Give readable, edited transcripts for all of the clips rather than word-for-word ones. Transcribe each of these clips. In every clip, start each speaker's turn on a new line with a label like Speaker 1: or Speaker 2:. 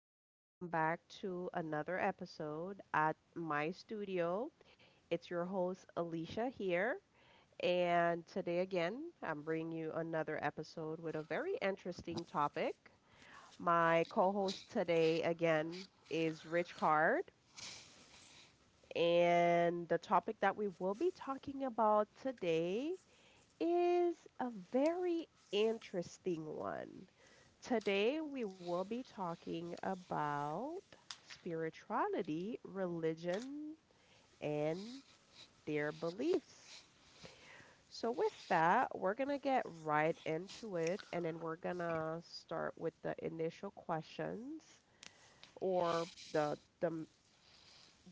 Speaker 1: everyone, welcome back to another episode at my studio. It's your host Alicia here, and today again, I'm bringing you another episode with a very interesting topic. My co-host today again is Rich Card, and the topic that we will be talking about today is a very interesting one. Today, we will be talking about spirituality, religion, and their beliefs. So, with that, we're going to get right into it, and then we're going to start with the initial questions or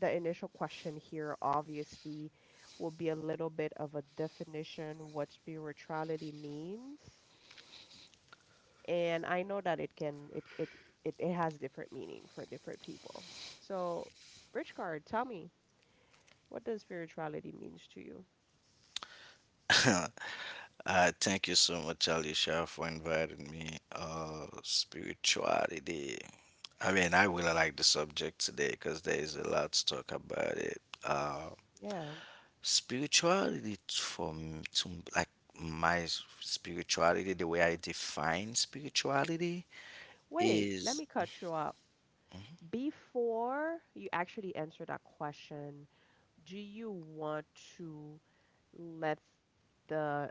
Speaker 1: the initial question here, obviously, will be a little bit of a definition what spirituality means and I know that it can it it it, it has different meaning for different people. So, Rich Card, tell me, what does spirituality means to you?
Speaker 2: Thank you so much, Alicia, for inviting me. Spirituality. I mean, I really like the subject today because there is a lot to talk about it.
Speaker 1: Yeah.
Speaker 2: Spirituality t- for m- to m- like my s- spirituality, the way I define spirituality
Speaker 1: Wait, let
Speaker 2: is,
Speaker 1: me cut you up. Before you actually answer that question, do you want to let the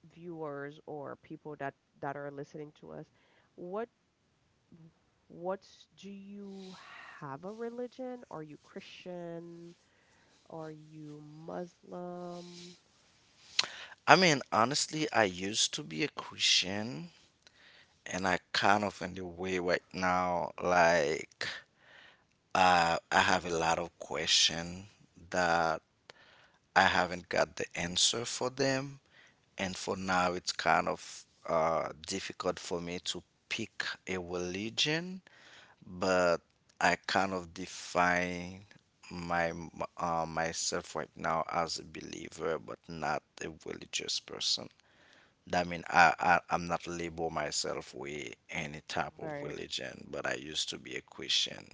Speaker 1: viewers or people that are listening to us, what what's do you have a religion? Are you Christian? Are you Muslim?
Speaker 2: I mean, honestly, I used to be a Christian, and I kind of in the way right now, like, I have a lot of question that I haven't got the answer for them. And for now, it's kind of difficult for me to pick a religion, but I kind of define my myself right now as a believer, but not a religious person. That mean I'm not label myself with any type of
Speaker 1: Right.
Speaker 2: religion, but I used to be a Christian.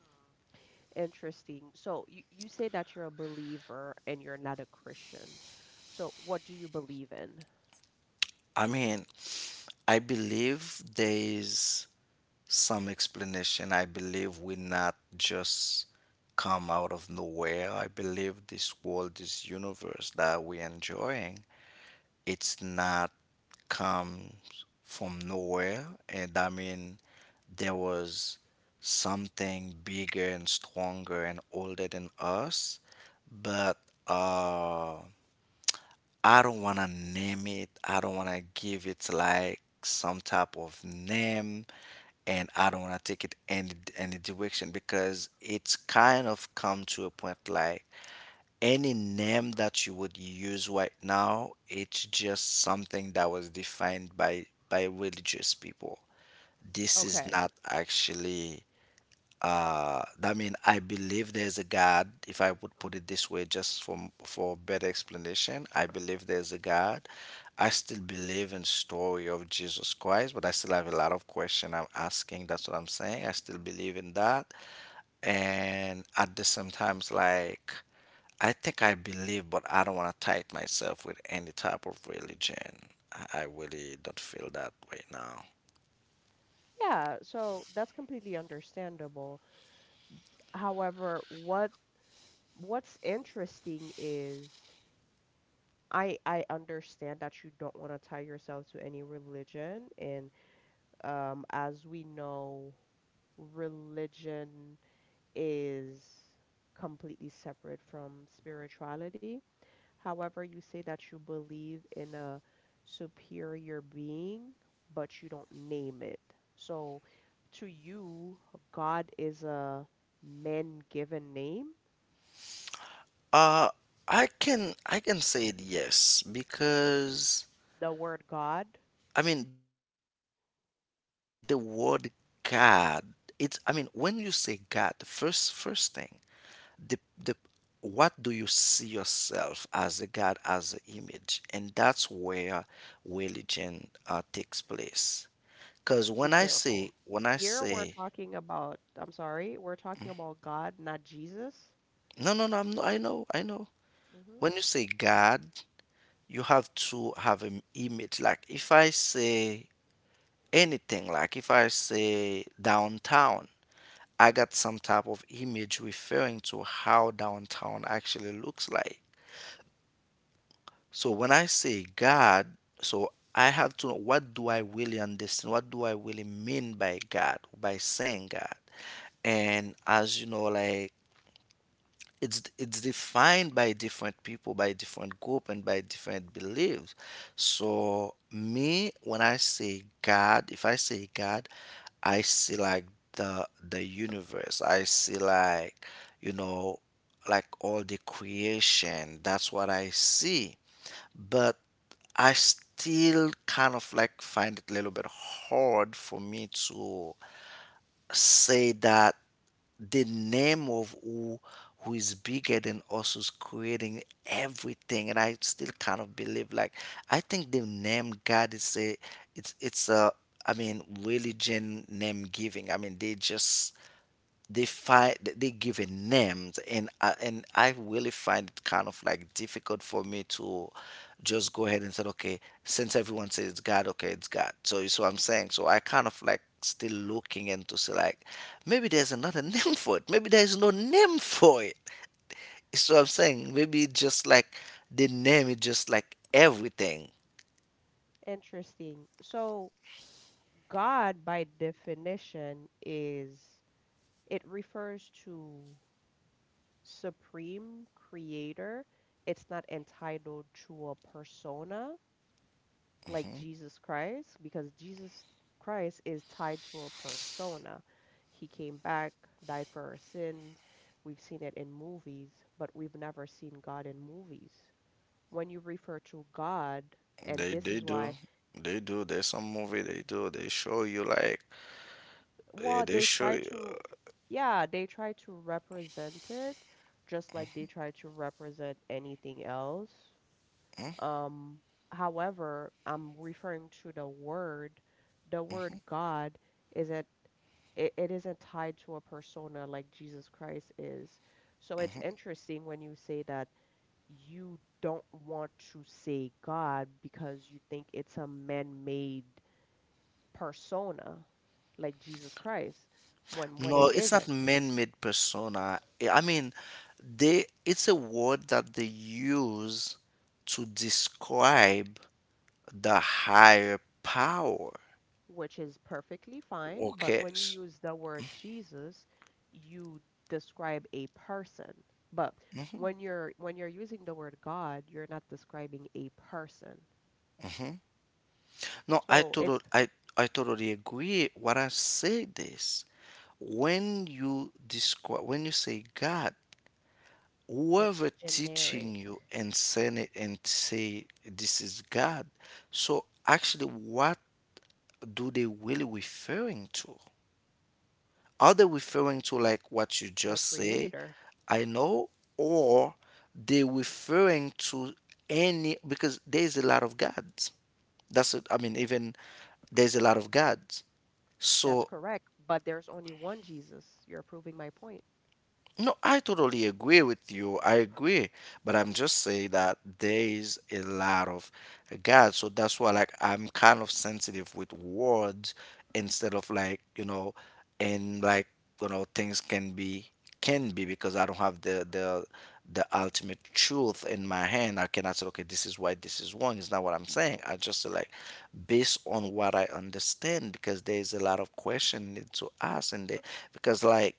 Speaker 1: Hmm. Interesting. So you say that you're a believer and you're not a Christian. So what do you believe in?
Speaker 2: I mean, I believe there is some explanation. I believe we not just come out of nowhere. I believe this world, this universe that we're enjoying, it's not comes from nowhere. And I mean, there was something bigger and stronger and older than us, but uh I don't want to name it. I don't want to give it like some type of name, and I don't want to take it any direction, because it's kind of come to a point like any name that you would use right now, it's just something that was defined by religious people. This is not
Speaker 1: Okay.
Speaker 2: actually. I mean, I believe there's a god. If I would put it this way, just for better explanation, I believe there's a god. I still believe in story of Jesus Christ, but I still have a lot of question I'm asking. That's what I'm saying. I still believe in that, and at the same times, like, I think I believe, but I don't want to tie it myself with any type of religion. I really don't feel that way now.
Speaker 1: Yeah, so that's completely understandable. However, what's interesting is I understand that you don't want to tie yourself to any religion, and as we know, religion is completely separate from spirituality. However, you say that you believe in a superior being, but you don't name it. So, to you, God is a man given name.
Speaker 2: Uh, I can say it, yes, because
Speaker 1: The word God,
Speaker 2: I mean the word God. It's, I mean, when you say God, the first thing, the the what do you see yourself as, a God as an image, and that's where religion takes place. Because when
Speaker 1: be
Speaker 2: I say
Speaker 1: careful.
Speaker 2: when I
Speaker 1: Here we're
Speaker 2: say
Speaker 1: talking about, I'm sorry, we're talking about God, not Jesus.
Speaker 2: no, no, no, I'm not, I know,
Speaker 1: Hmm.
Speaker 2: when you say God, you have to have an image. Like if I say anything, like if I say downtown, I got some type of image referring to how downtown actually looks like. So when I say god, so I have to know, what do I really understand, what do I really mean by god by saying god? And as you know, like, it's defined by different people, by different group, and by different beliefs. So me, when I say god, if I say god, I see like the universe, I see like, you know, like all the creation, that's what I see. But I still kind of like find it a little bit hard for me to say that the name of who is bigger than us, who's creating everything. And I still kind of believe like, I think the name god is a, it's a, I mean, religion name giving. I mean they just, they find, they give a names. And I really find it kind of like difficult for me to just go ahead and say, okay, since everyone says it's God, okay, it's God. So you see what I'm saying. So I kind of like still looking into see like, maybe there's another name for it, maybe there's no name for it. You see what I'm saying, maybe it's just like the name is just like everything.
Speaker 1: Interesting. So, God, by definition, is... it refers to supreme creator. It's not entitled to a persona like Jesus Christ, because Jesus Christ is tied to a persona. He came back, died for our sins. We've seen it in movies, but we've never seen God in movies. When you refer to God, and
Speaker 2: They
Speaker 1: this
Speaker 2: they
Speaker 1: is
Speaker 2: do.
Speaker 1: why...
Speaker 2: They do. There's some movie they do. They show you like,
Speaker 1: Well,
Speaker 2: they
Speaker 1: they
Speaker 2: show
Speaker 1: try
Speaker 2: you.
Speaker 1: to, yeah, they try to represent it just like they try to represent anything else. Um, However, I'm referring to the word. The word God isn't it isn't tied to a persona like Jesus Christ is. So it's interesting when you say that you don't want to say God because you think it's a man-made persona like Jesus Christ when
Speaker 2: No,
Speaker 1: it
Speaker 2: it's not
Speaker 1: isn't,
Speaker 2: man-made persona. I mean, they, it's a word that they use to describe the higher power.
Speaker 1: which is perfectly fine, but
Speaker 2: Okay.
Speaker 1: when you use the word Jesus, you describe a person. But when you're using the word God, you're not describing a person.
Speaker 2: No,
Speaker 1: So it's
Speaker 2: I totally agree. What I say this, when you say God, whoever
Speaker 1: it's
Speaker 2: teaching
Speaker 1: generic.
Speaker 2: you and send it and say this is God, so actually what do they really referring to? Are they referring to like what you
Speaker 1: The
Speaker 2: just say?
Speaker 1: creator,
Speaker 2: I know, or they referring to any, because there's a lot of gods. That's it. I mean, even there's a lot of gods.
Speaker 1: that's
Speaker 2: So,
Speaker 1: correct, but there's only one Jesus. You're proving my point.
Speaker 2: no, I totally agree with you. I agree. But I'm just saying that there is a lot of God. So that's why like I'm kind of sensitive with words, instead of and things can be, because I don't have the ultimate truth in my hand. I cannot say, okay, this is right, this is wrong. It's not what I'm saying. I just say like, based on what I understand, because there is a lot of question to ask. And they, because like,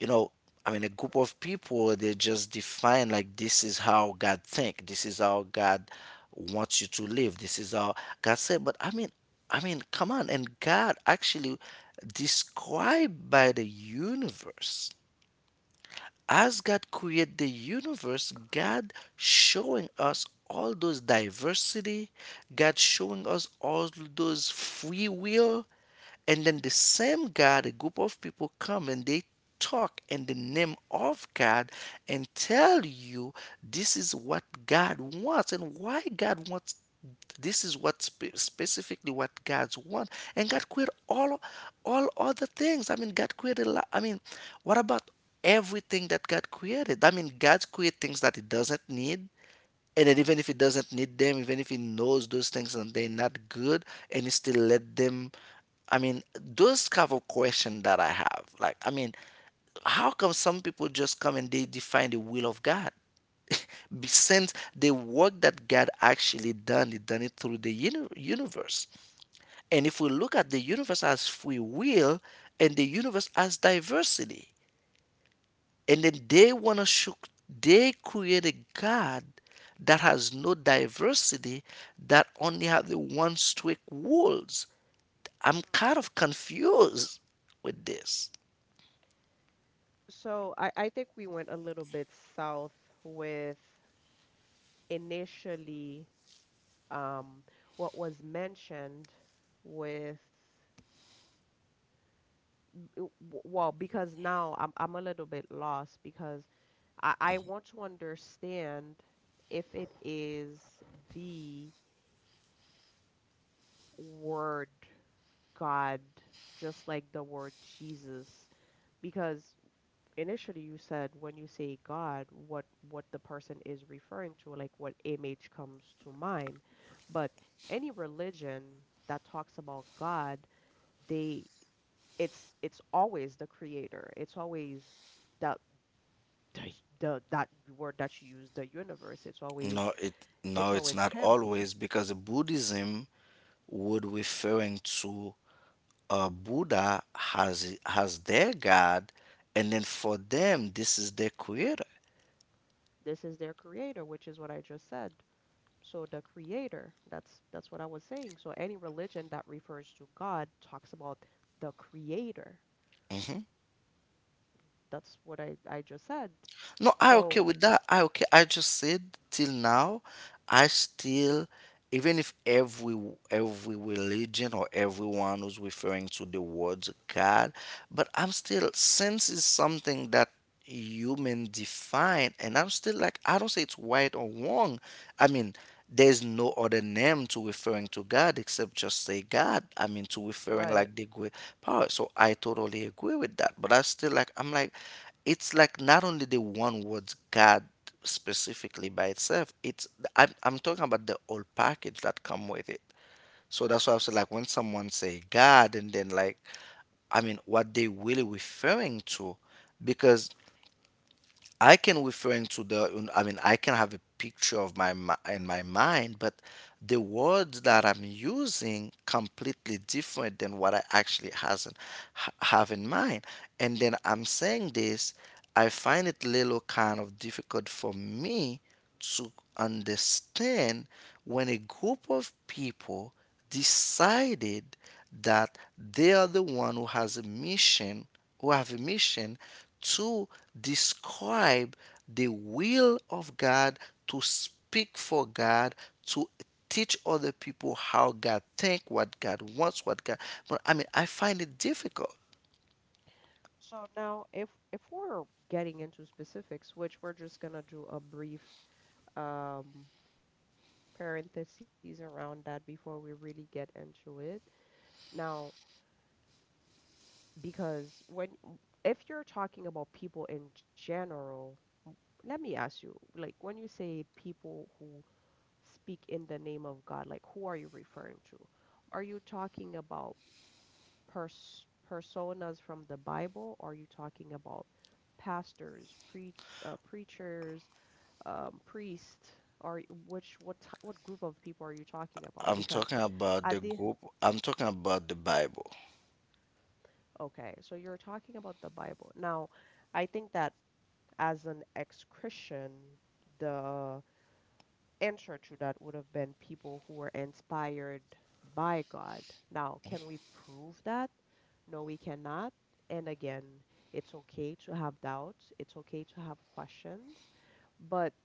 Speaker 2: you know, I mean, a group of people, they just define like, this is how god think, this is how god wants you to live, this is how god said. But I mean, come on. And god actually described by the universe, as god created the universe, god showing us all those diversity, god showing us all those free will. And then the same God, a group of people come and they talk in the name of God and tell you this is what God wants, and why God wants, this is what specifically what God's want. And God created all other things. I mean God created a lot. I mean, what about everything that God created? I mean, God created things that he doesn't need, and then even if he doesn't need them, even if he knows those things and they're not good, and he still let them. I mean, those kind of question that I have, like, I mean, how come some people just come and they define the will of god? Since the work that god actually done, he done it through the universe. And if we look at the universe as free will and the universe as diversity, and then they want to show, they create a God that has no diversity, that only have the one strict rules. I'm kind of confused with this.
Speaker 1: So I think we went a little bit south with initially um, what was mentioned with... well, because now I'm a little bit lost because I want to understand if it is the word God, just like the word Jesus, because initially you said when you say God, what the person is referring to, like what image comes to mind, but any religion that talks about God, they... it's always the creator. It's always that the, the that word that you use, the universe. It's always...
Speaker 2: No, it no,
Speaker 1: it's
Speaker 2: it's
Speaker 1: always
Speaker 2: not
Speaker 1: him.
Speaker 2: always, because Buddhism would referring to, Buddha has their God, and then for them this is their creator.
Speaker 1: This is their creator, which is what I just said. So the creator, that's what I was saying. So any religion that refers to God talks about the creator.
Speaker 2: Mm-hmm.
Speaker 1: That's what I just said.
Speaker 2: No, I okay
Speaker 1: So,
Speaker 2: with that. I okay. I just said, till now, I still, even if every religion or everyone was referring to the word God, but I'm still sense is something that human define, and I'm still like, I don't say it's right or wrong. I mean, there's no other name to referring to God except just say God. I mean, to referring
Speaker 1: right.
Speaker 2: like the great power. So I totally agree with that. But I still like, I'm like, it's like not only the one word God specifically by itself, it's, I'm talking about the whole package that come with it. So that's why I was like, when someone say God and then like, I mean, what they really referring to? Because I can referring to the, I mean, I can have a picture of my in my mind, but the words that I'm using completely different than what I actually hasn't have in mind. And then I'm saying this, I find it little kind of difficult for me to understand when a group of people decided that they are the one who have a mission to describe the will of God, to speak for God, to teach other people how God think, what God wants, what God, but I mean, I find it difficult.
Speaker 1: So now if we're getting into specifics, which we're just gonna do a brief um parentheses around that before we really get into it. Now, because when if you're talking about people in general, let me ask you, like when you say people who speak in the name of God, like who are you referring to? Are you talking about personas from the Bible? Are you talking about pastors, preachers, priests? Or what group of people are you talking about?
Speaker 2: I'm
Speaker 1: Because
Speaker 2: talking about the
Speaker 1: at the...
Speaker 2: group, I'm talking about the Bible.
Speaker 1: Okay, so you're talking about the Bible. Now, I think that as an ex-Christian, the answer to that would have been people who were inspired by God. Now, can we prove that? No, we cannot. And again, it's okay to have doubts, it's okay to have questions, but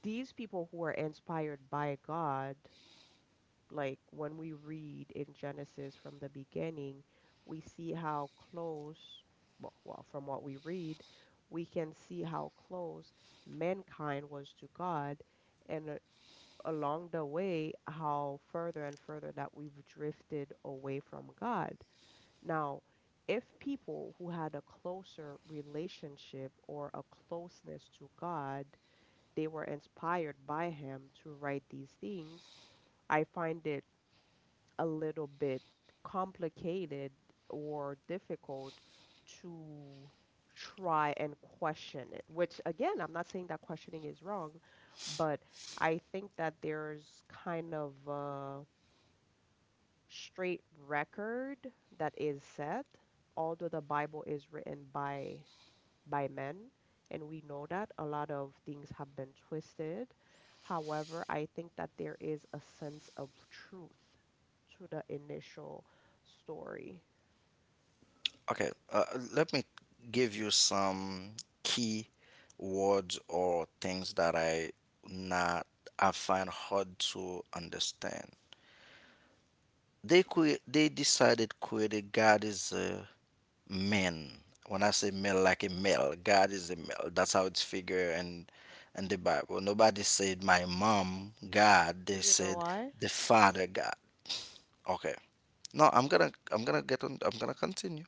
Speaker 1: these people who were inspired by God, like when we read in Genesis from the beginning, we see how close, from what we read, we can see how close mankind was to God, and along the way, how further and further that we've drifted away from God. Now, if people who had a closer relationship or a closeness to God, they were inspired by Him to write these things. I find it a little bit complicated or difficult to try and question it, which again, I'm not saying that questioning is wrong, but I think that there's kind of a straight record that is set, although the Bible is written by men, and we know that a lot of things have been twisted. However, I think that there is a sense of truth to the initial story.
Speaker 2: Okay, let me give you some key words or things that I not I find hard to understand. They decided created God is a man. When I say male, like a male, God is a male. That's how it's figured in the Bible. Nobody said my mom God.
Speaker 1: Do
Speaker 2: They
Speaker 1: you know
Speaker 2: said
Speaker 1: why?
Speaker 2: the Father God. Okay. No, I'm gonna get on. I'm gonna continue.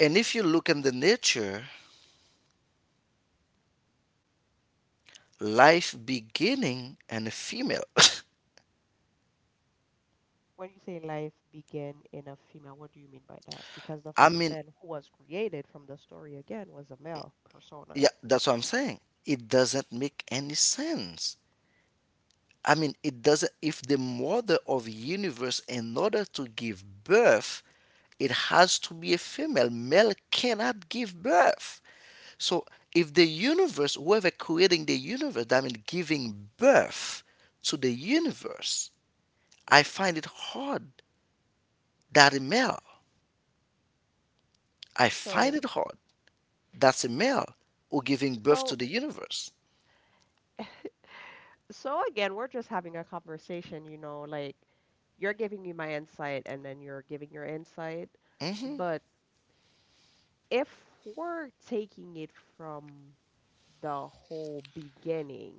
Speaker 2: And if you look in the nature, life beginning and a female.
Speaker 1: When you say life began in a female, what do you mean by that? Because the
Speaker 2: I
Speaker 1: first
Speaker 2: mean,
Speaker 1: man who was created from the story again was a male persona.
Speaker 2: yeah, that's what I'm saying. It doesn't make any sense. I mean, it doesn't. If the mother of universe, in order to give birth, it has to be a female. Male cannot give birth. So, if the universe, whoever creating the universe, I mean, giving birth to the universe, I find it hard that a male. I find
Speaker 1: So,
Speaker 2: it hard. That's a male or giving birth to
Speaker 1: so
Speaker 2: the universe.
Speaker 1: So again, we're just having a conversation, you know, like you're giving me my insight and then you're giving your insight.
Speaker 2: Hmm.
Speaker 1: But if we're taking it from the whole beginning,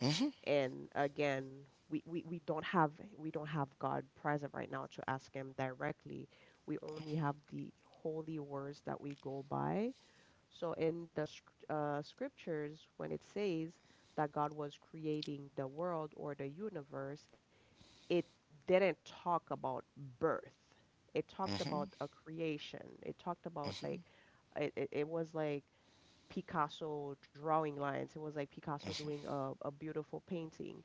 Speaker 2: Hmm.
Speaker 1: and again, we don't have... we don't have God present right now to ask him directly. We only have the holy words that we go by. So in the scriptures, when it says that God was creating the world or the universe, it didn't talk about birth. It talked
Speaker 2: Hmm.
Speaker 1: about a creation. It talked about like... it was like Picasso drawing lines. It was like Picasso doing a beautiful painting.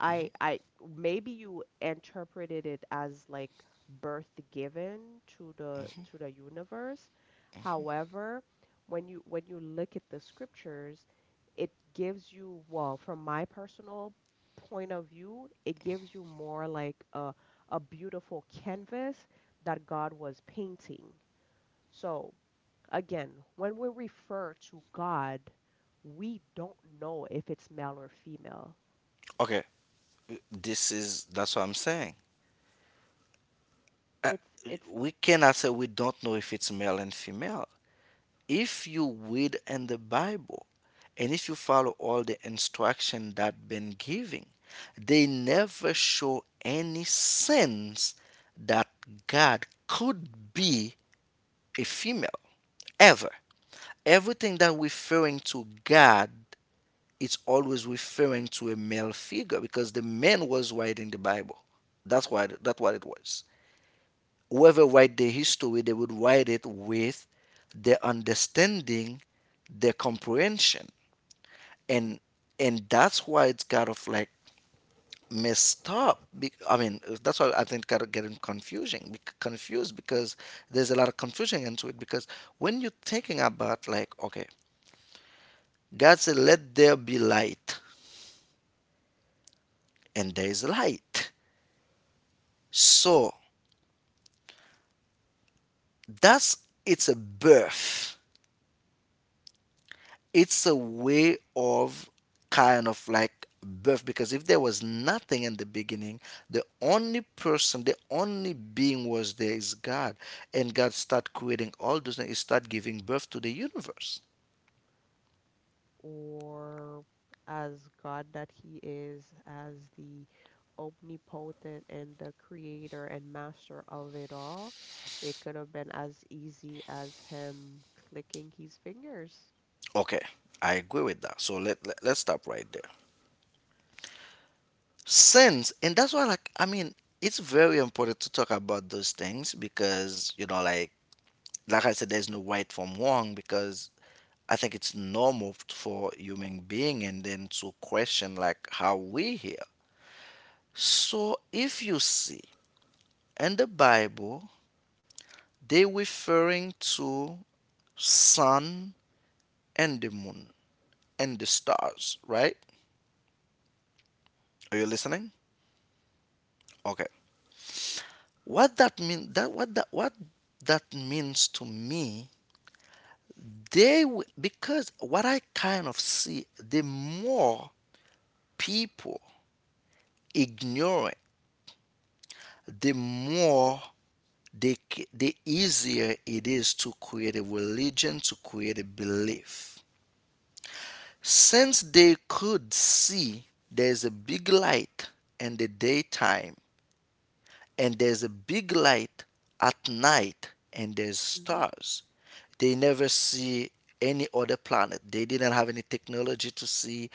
Speaker 1: I Maybe you interpreted it as like birth given to the universe. However, when you look at the scriptures, it gives you, well, from my personal point of view, it gives you more like a beautiful canvas that God was painting. So, again, when we refer to God, we don't know if it's male or female.
Speaker 2: Okay, this is, that's what I'm saying. Uh,
Speaker 1: It's
Speaker 2: we cannot say, we don't know if it's male and female. If you read in the Bible and if you follow all the instruction that been giving, they never show any sense that God could be a female ever. Everything that referring to God it's always referring to a male figure because the man was writing the Bible. That's what it was. Whoever write the history, they would write it with their understanding, their comprehension, and and that's why it's kind of like messed up. That's why I think kind of getting confused because there's a lot of confusion into it. Because when you're thinking about like, okay, God said, "Let there be light," and there is light. So that's it's a birth, it's a way of kind of like birth because if there was nothing in the beginning, the only being was there is God. And God start creating all those things. He start giving birth to the universe.
Speaker 1: or as God that He is, as the omnipotent and the creator and master of it all, it could have been as easy as him clicking his fingers.
Speaker 2: Okay, I agree with that, so let's stop right there sins. And that's why, like I mean, it's very important to talk about those things because, you know, like I said, there's no right from wrong because I think it's normal for human being and then to question like how we here. So if you see in the Bible, they referring to sun and the moon and the stars, right? Are you listening? Okay. What that means to me, because what I kind of see, the more people ignoring, the more they, the easier it is to create a religion, to create a belief. Since they could see there's a big light in the daytime and there's a big light at night and there's
Speaker 1: Hmm.
Speaker 2: stars, they never see any other planet. They didn't have any technology to see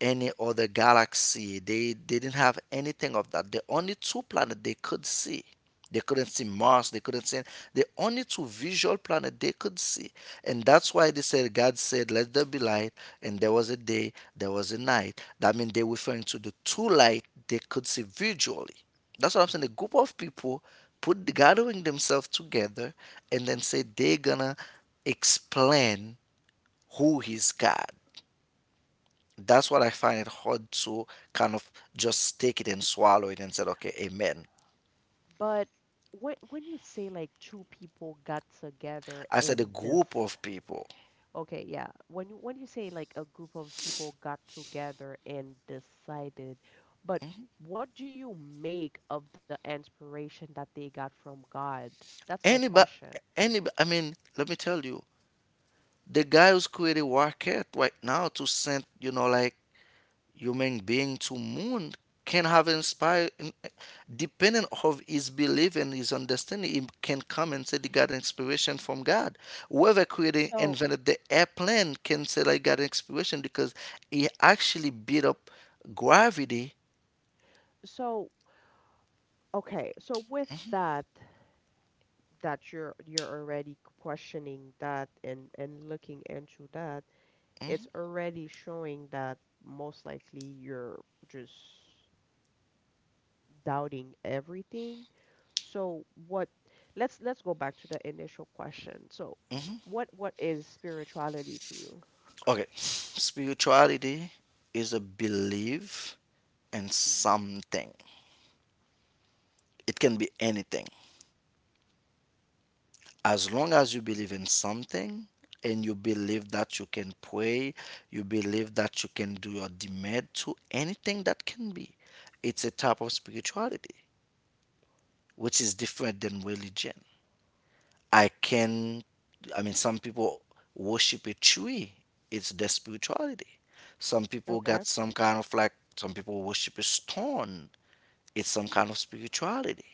Speaker 2: any other galaxy. They didn't have anything of that. The only two planets they could see, they couldn't see Mars. They couldn't see. The only two visual planet they could see, and that's why they said God said, "Let there be light," and there was a day, there was a night. That means they're referring to the two light they could see visually. That's what I'm saying. A group of people put gathering themselves together and then say they're gonna explain who is God. That's what I find it hard to kind of just take it and swallow it and say, okay, amen.
Speaker 1: But when you say like two people got together
Speaker 2: I said a
Speaker 1: in this...
Speaker 2: group of people.
Speaker 1: Okay, yeah. When you say like a group of people got together and decided, but what do you make of the inspiration that they got from God? That's my
Speaker 2: Anybody,
Speaker 1: question.
Speaker 2: anybody, I mean, let me tell you, the guy who's creating rocket right now to send, you know, like human being to moon can have inspired, depending of his belief and his understanding, he can come and say he got inspiration from God. Whoever created,
Speaker 1: So,
Speaker 2: invented the airplane can say they got inspiration because he actually beat up gravity.
Speaker 1: so okay, so with that, that you're already questioning that and looking into that, it's already showing that most likely you're just doubting everything. So what... let's go back to the initial question. So what is spirituality to you?
Speaker 2: Okay, spirituality is a belief in something. It can be anything. As long as you believe in something and you believe that you can pray, you believe that you can do your demand to anything that can be. It's a type of spirituality, which is different than religion. I can, I mean, some people worship a tree, it's their spirituality. Some people
Speaker 1: Okay.
Speaker 2: got some kind of like, some people worship a stone, it's some kind of spirituality.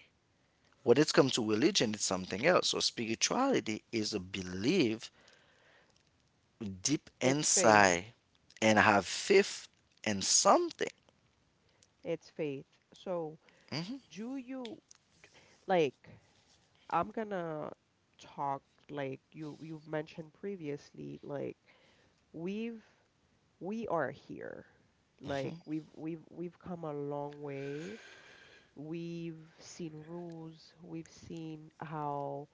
Speaker 2: When it comes to religion, it's something else. So spirituality is a belief deep
Speaker 1: It's faith.
Speaker 2: inside and have faith in something.
Speaker 1: It's faith. So do you like... I'm gonna talk like you... you've mentioned previously, like we've we are here. Like we've come a long way. We've seen rules, we've seen how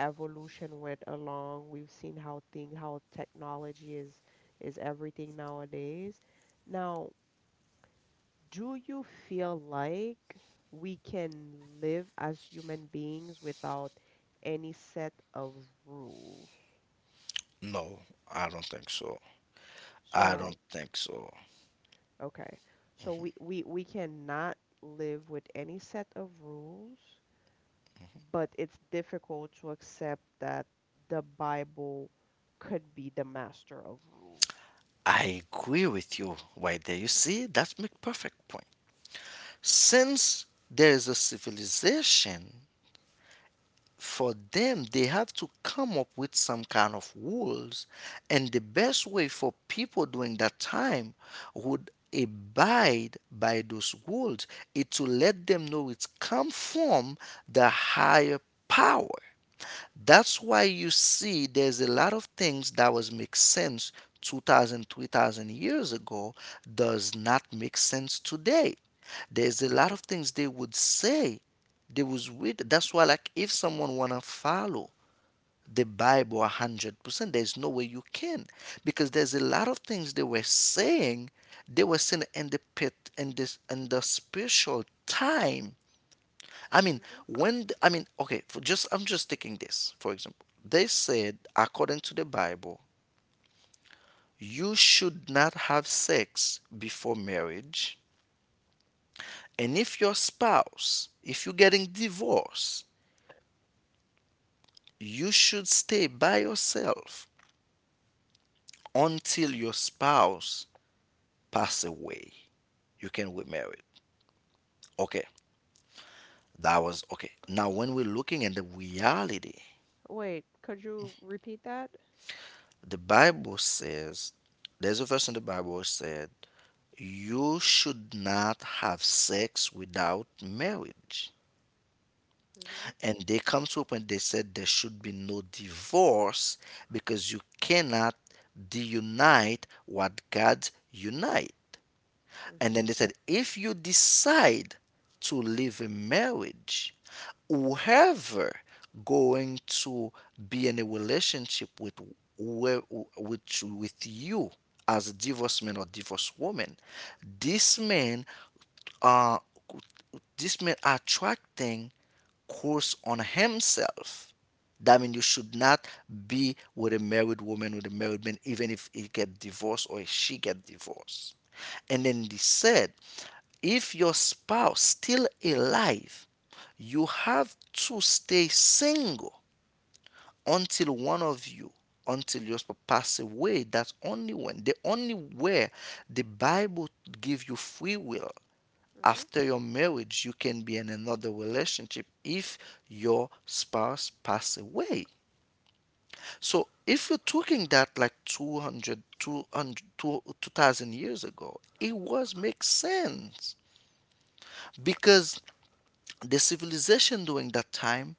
Speaker 1: evolution went along. We've seen how thing how technology is everything nowadays. Now, do you feel like we can live as human beings without any set of rules?
Speaker 2: No, I don't think so. I
Speaker 1: So,
Speaker 2: don't think so.
Speaker 1: okay. So we we cannot live with any set of rules, but it's difficult to accept that the Bible could be the master of rules.
Speaker 2: I agree with you right there. You see, that's make perfect point. Since there is a civilization for them, they have to come up with some kind of rules. And the best way for people during that time would abide by those rules is to let them know it's come from the higher power. That's why you see there's a lot of things that was make sense 2,000, 3,000 years ago does not make sense today. There's a lot of things they would say. They was with that's why like if someone wanna follow the Bible 100%, there's no way you can. Because there's a lot of things they were saying in the pit in this in the spiritual time. I mean, when the, I mean, okay, for just I'm just taking this for example. They said, according to the Bible, you should not have sex before marriage, and if your spouse, if you're getting divorced, you should stay by yourself until your spouse pass away. You can remarry. Okay, that was okay. Now, when we're looking at the reality,
Speaker 1: Wait, could you repeat that?
Speaker 2: the Bible says, there's a verse in the Bible said you should not have sex without marriage.
Speaker 1: Mhm.
Speaker 2: And they come to a point they said there should be no divorce because you cannot deunite what God unite. And then
Speaker 1: Mhm.
Speaker 2: they said if you decide to leave a marriage, whoever going to be in a relationship with where with you as a divorced man or divorced woman, this man uh, this man attracting curse on himself. That means you should not be with a married woman with a married man, even if he get divorced or she get divorced. And then they said, if your spouse still alive, you have to stay single until one of you, until your spouse pass away. That's only when the only where the Bible give you free will
Speaker 1: Mhm.
Speaker 2: after your marriage. You can be in another relationship if your spouse pass away. So if you're talking that like 200, 2000 years ago, it was make sense because the civilization during that time,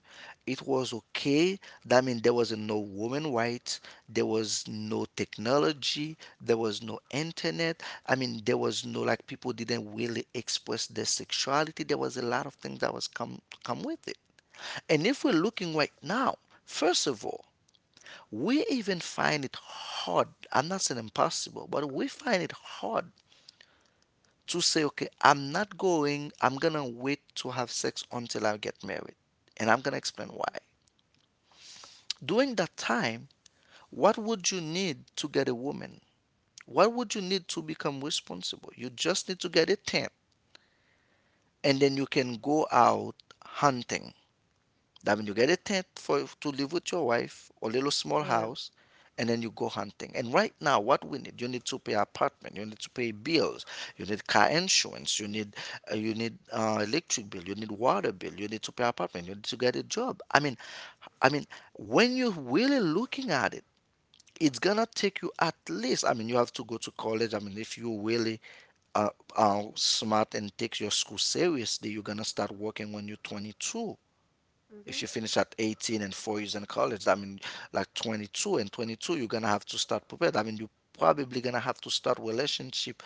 Speaker 2: it was okay. That means there was no woman rights, there was no technology, there was no internet. I mean, there was no like people didn't really express their sexuality. There was a lot of things that was come with it. And if we're looking right now, first of all, we even find it hard, I'm not saying impossible, but we find it hard to say, okay, I'm not going, I'm gonna wait to have sex until I get married. And I'm gonna explain
Speaker 1: Mhm.
Speaker 2: why. During that time, what would you need to get a woman? What would you need to become responsible? You just need to get a tent and then you can go out hunting. That means you get a tent for to live with your wife or little small
Speaker 1: Right.
Speaker 2: house, and then you go hunting. And right now, what we need, you need to pay apartment, you need to pay bills, you need car insurance, you need electric bill, you need water bill, you need to pay apartment, you need to get a job. I mean, when you're really looking at it, it's gonna take you at least. I mean, you have to go to college. I mean, if you really uh, are smart and take your school seriously, you're gonna start working when you're 22. If
Speaker 1: Mhm.
Speaker 2: you finish at 18 and 4 years in college, that means like 22, you're gonna have to start prepared. I mean, you probably gonna have to start relationship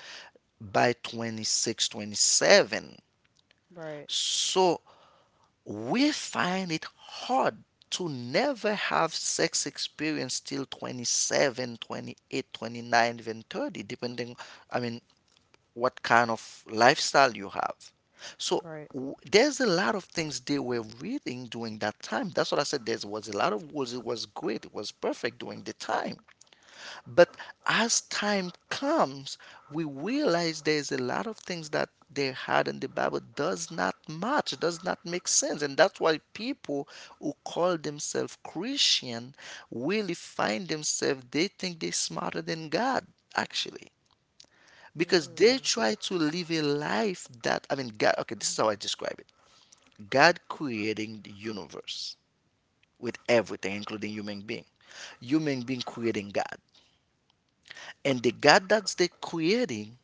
Speaker 2: by 26, 27.
Speaker 1: Right,
Speaker 2: So we find it hard to never have sex experience till 27, 28, 29, even 30, depending, I mean, what kind of lifestyle you have. So
Speaker 1: right.
Speaker 2: there's a lot of things they were reading during that time. That's what I said. There was a lot of rules. It was great. It was perfect during the time. But as time comes, we realize there's a lot of things that they had in the Bible does not match, does not make sense. And that's why people who call themselves Christian really find themselves, they think they're smarter than God, actually because they
Speaker 1: Mm.
Speaker 2: try to live a life that, I mean, God, okay, this is how I describe it. God creating the universe with everything including human being. Human being creating God, and the God that's they creating,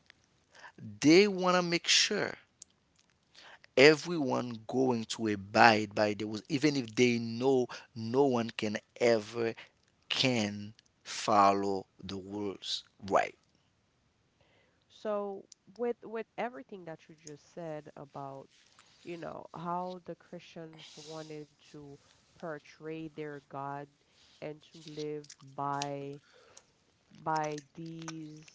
Speaker 2: they want to make sure everyone going to abide by the rules even if they know no one can ever can follow the rules, right?
Speaker 1: So with everything that you just said about, you know, how the Christians wanted to portray their God and to live by these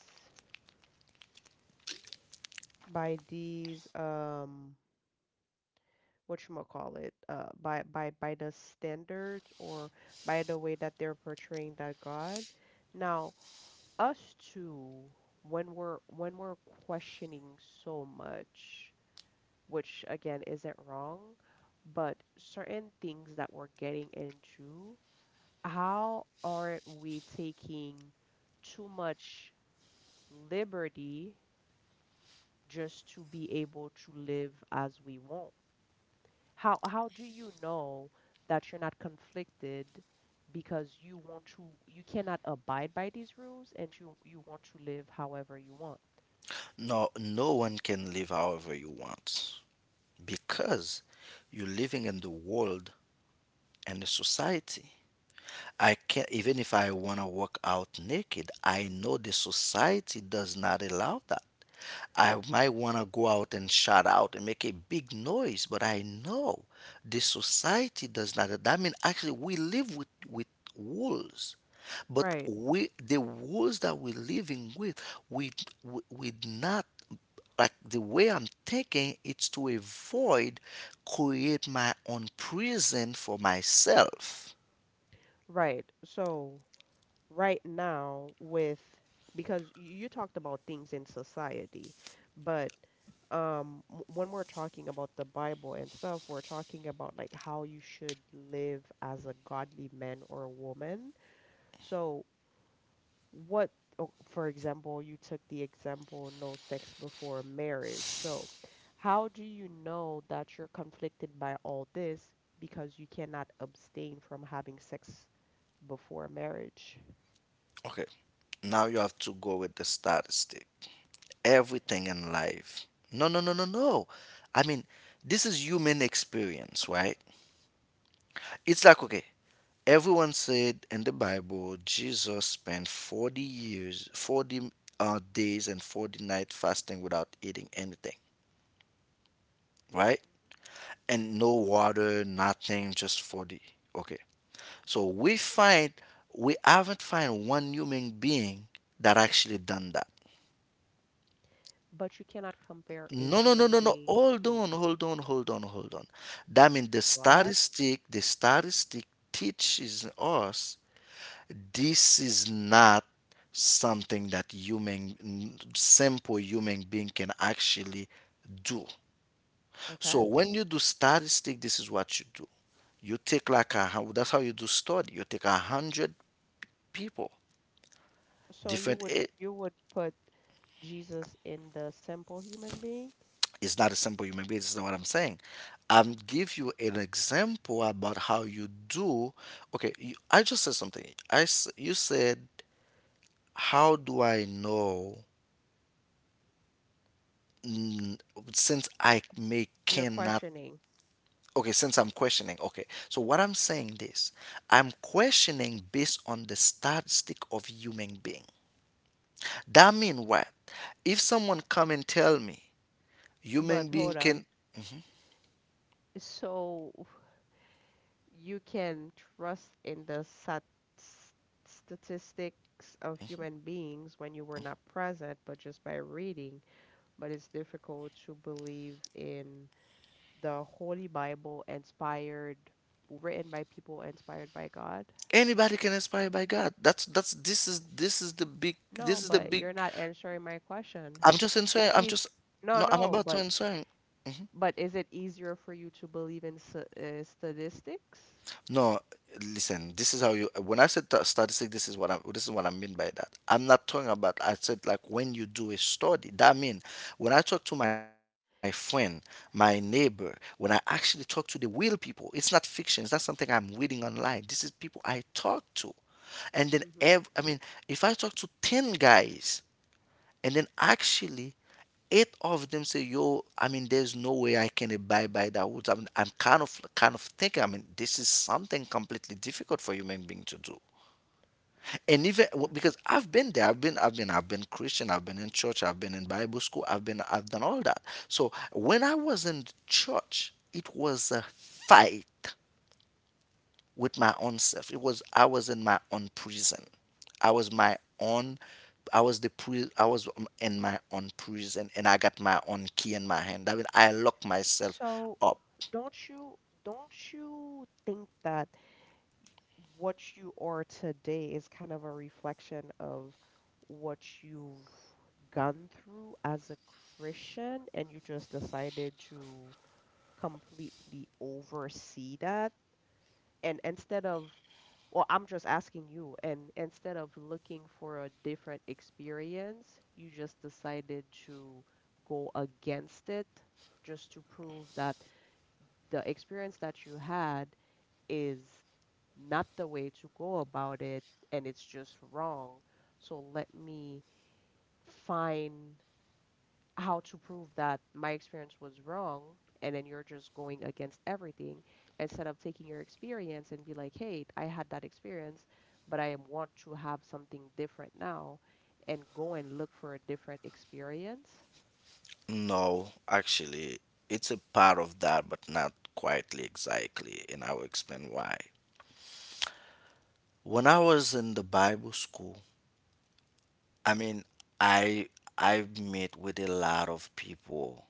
Speaker 1: by these um what you call it, by the standards or by the way that they're portraying that God. Now, us too, when we're questioning so much, which again isn't wrong, but certain things that we're getting into, how aren't we taking too much liberty just to be able to live as we want? How do you know that you're not conflicted because you want to... you cannot abide by these rules and you want to live however you want?
Speaker 2: No, no one can live however you want because you're living in the world and the society. I can't, even if I want to walk out naked, I know the society does not allow that. I might want to go out and shout out and make a big noise, but I know the society does not. That means actually we live with wolves. But
Speaker 1: Right,
Speaker 2: we, the wolves that we're living with, we, we not like the way I'm thinking, it's to avoid create my own prison for myself.
Speaker 1: right. So, right now, with... because you talked about things in society, but when we're talking about the Bible and stuff, we're talking about like how you should live as a godly man or a woman. So, what, oh, for example, you took the example no sex before marriage. So, how do you know that you're conflicted by all this because you cannot abstain from having sex before marriage?
Speaker 2: Okay, now you have to go with the statistic. Everything in life. No, no, no, no, no. I mean, this is human experience, right? It's like, okay, everyone said in the Bible, Jesus spent 40 years, 40 days and 40 nights fasting without eating anything, right?
Speaker 1: Hmm.
Speaker 2: And no water, nothing, just 40. Okay. So we haven't find one human being that actually done that.
Speaker 1: But you cannot compare a
Speaker 2: No, no, no,
Speaker 1: human
Speaker 2: no, no.
Speaker 1: being
Speaker 2: Hold
Speaker 1: to...
Speaker 2: on, hold on, hold on, hold on. That means the
Speaker 1: go ahead.
Speaker 2: statistic, the statistic teaches us this is not something that simple human being can actually do.
Speaker 1: Okay.
Speaker 2: So when you do statistic, this is what you do. You take like that's how you do study. You take 100 people.
Speaker 1: So you
Speaker 2: different
Speaker 1: would
Speaker 2: a-
Speaker 1: you would put Jesus in the simple human being?
Speaker 2: It's not a simple human being. This is not what I'm saying. I'm give you an example about how you do. Okay, I just said something. You said how do I know, mm, since I may
Speaker 1: You're
Speaker 2: cannot.
Speaker 1: questioning,
Speaker 2: Okay, since I'm questioning. Okay, so what I'm saying this, I'm questioning based on the statistic of human being. That mean what? If someone come and tell me
Speaker 1: but
Speaker 2: human being
Speaker 1: hold on.
Speaker 2: can
Speaker 1: So you can trust in the s- statistics of human beings when you were not present, but just by reading. But it's difficult to believe in the Holy Bible inspired, written by people inspired by God.
Speaker 2: anybody can inspire by God. That's this is the big.
Speaker 1: No, but you're not answering my question.
Speaker 2: I'm just answering.
Speaker 1: It's
Speaker 2: I'm
Speaker 1: easy.
Speaker 2: just
Speaker 1: No,
Speaker 2: No, I'm
Speaker 1: no,
Speaker 2: about to
Speaker 1: but
Speaker 2: answer.
Speaker 1: but is it easier for you to believe in s statistics?
Speaker 2: No, listen. This is how you. When I said statistic, this is what I mean by that. I'm not talking about. I said like when you do a study. That mean when I talk to my friend, my neighbor, when I actually talk to the real people. It's not fiction. It's not something I'm reading online. This is people I talk to, and then
Speaker 1: Mm-hmm.
Speaker 2: I mean, if I talk to 10 guys. And then actually, eight of them say, "Yo, I mean, there's no way I can abide by that rules. I mean, I'm kind of thinking. I mean, this is something completely difficult for human being to do. And even because I've been there, I've been Christian, I've been in church, I've been in Bible school, I've done all that. So when I was in church, it was a fight with my own self. It was I was in my own prison. I was my own. I was in my own prison, and I got my own key in my hand. I mean, I locked myself
Speaker 1: So
Speaker 2: up.
Speaker 1: don't you don't you think that what you are today is kind of a reflection of what you've gone through as a Christian and you just decided to completely oversee that? And instead of, well, I'm just asking you, and instead of looking for a different experience, you just decided to go against it just to prove that the experience that you had is not the way to go about it and it's just wrong. So let me find how to prove that my experience was wrong. And then you're just going against everything instead of taking your experience and be like, hey, I had that experience, but I want to have something different now and go and look for a different experience.
Speaker 2: No, actually, it's a part of that, but not quietly exactly, and I will explain why. When I was in the Bible school, I mean, I I've met with a lot of people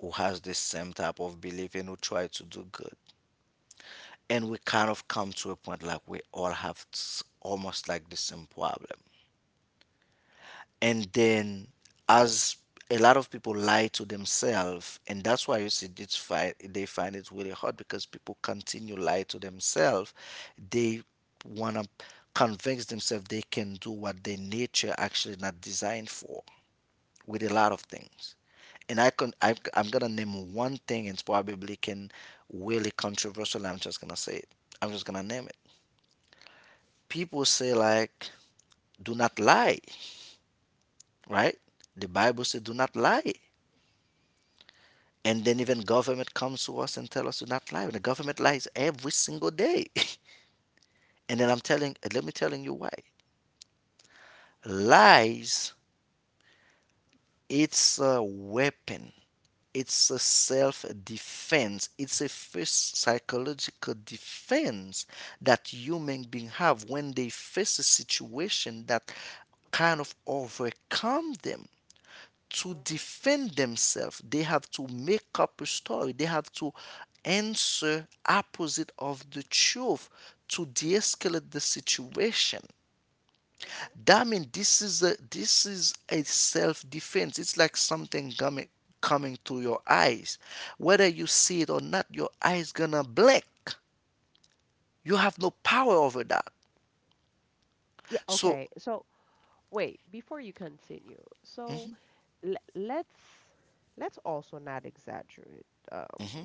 Speaker 2: who has the same type of belief and who try to do good. And we kind of come to a point like we all have almost like the same problem, and then as a lot of people lie to themselves, and that's why you see this fight. They find it really hard because people continue lie to themselves. They want to convince themselves they can do what their nature actually not designed for, with a lot of things. And I'm gonna name one thing, and it's probably can really controversial. I'm just gonna say it. I'm just gonna name it. People say like, do not lie, right? The Bible says do not lie. And then even government comes to us and tell us to not lie, and the government lies every single day. And then I'm telling let me telling you why. Lies, it's a weapon. It's a self defense. It's a first psychological defense that human being have when they face a situation that kind of overcome them. To
Speaker 1: Mhm.
Speaker 2: defend themselves, they have to make up a story. They have to answer opposite of the truth to de-escalate the situation.
Speaker 1: Mhm.
Speaker 2: That means this is a self-defense. It's like something coming through your eyes. Whether you see it or not, your eyes gonna blink. You have no power over that.
Speaker 1: Yeah,
Speaker 2: so
Speaker 1: okay. So wait, before you continue, so let's also not exaggerate um,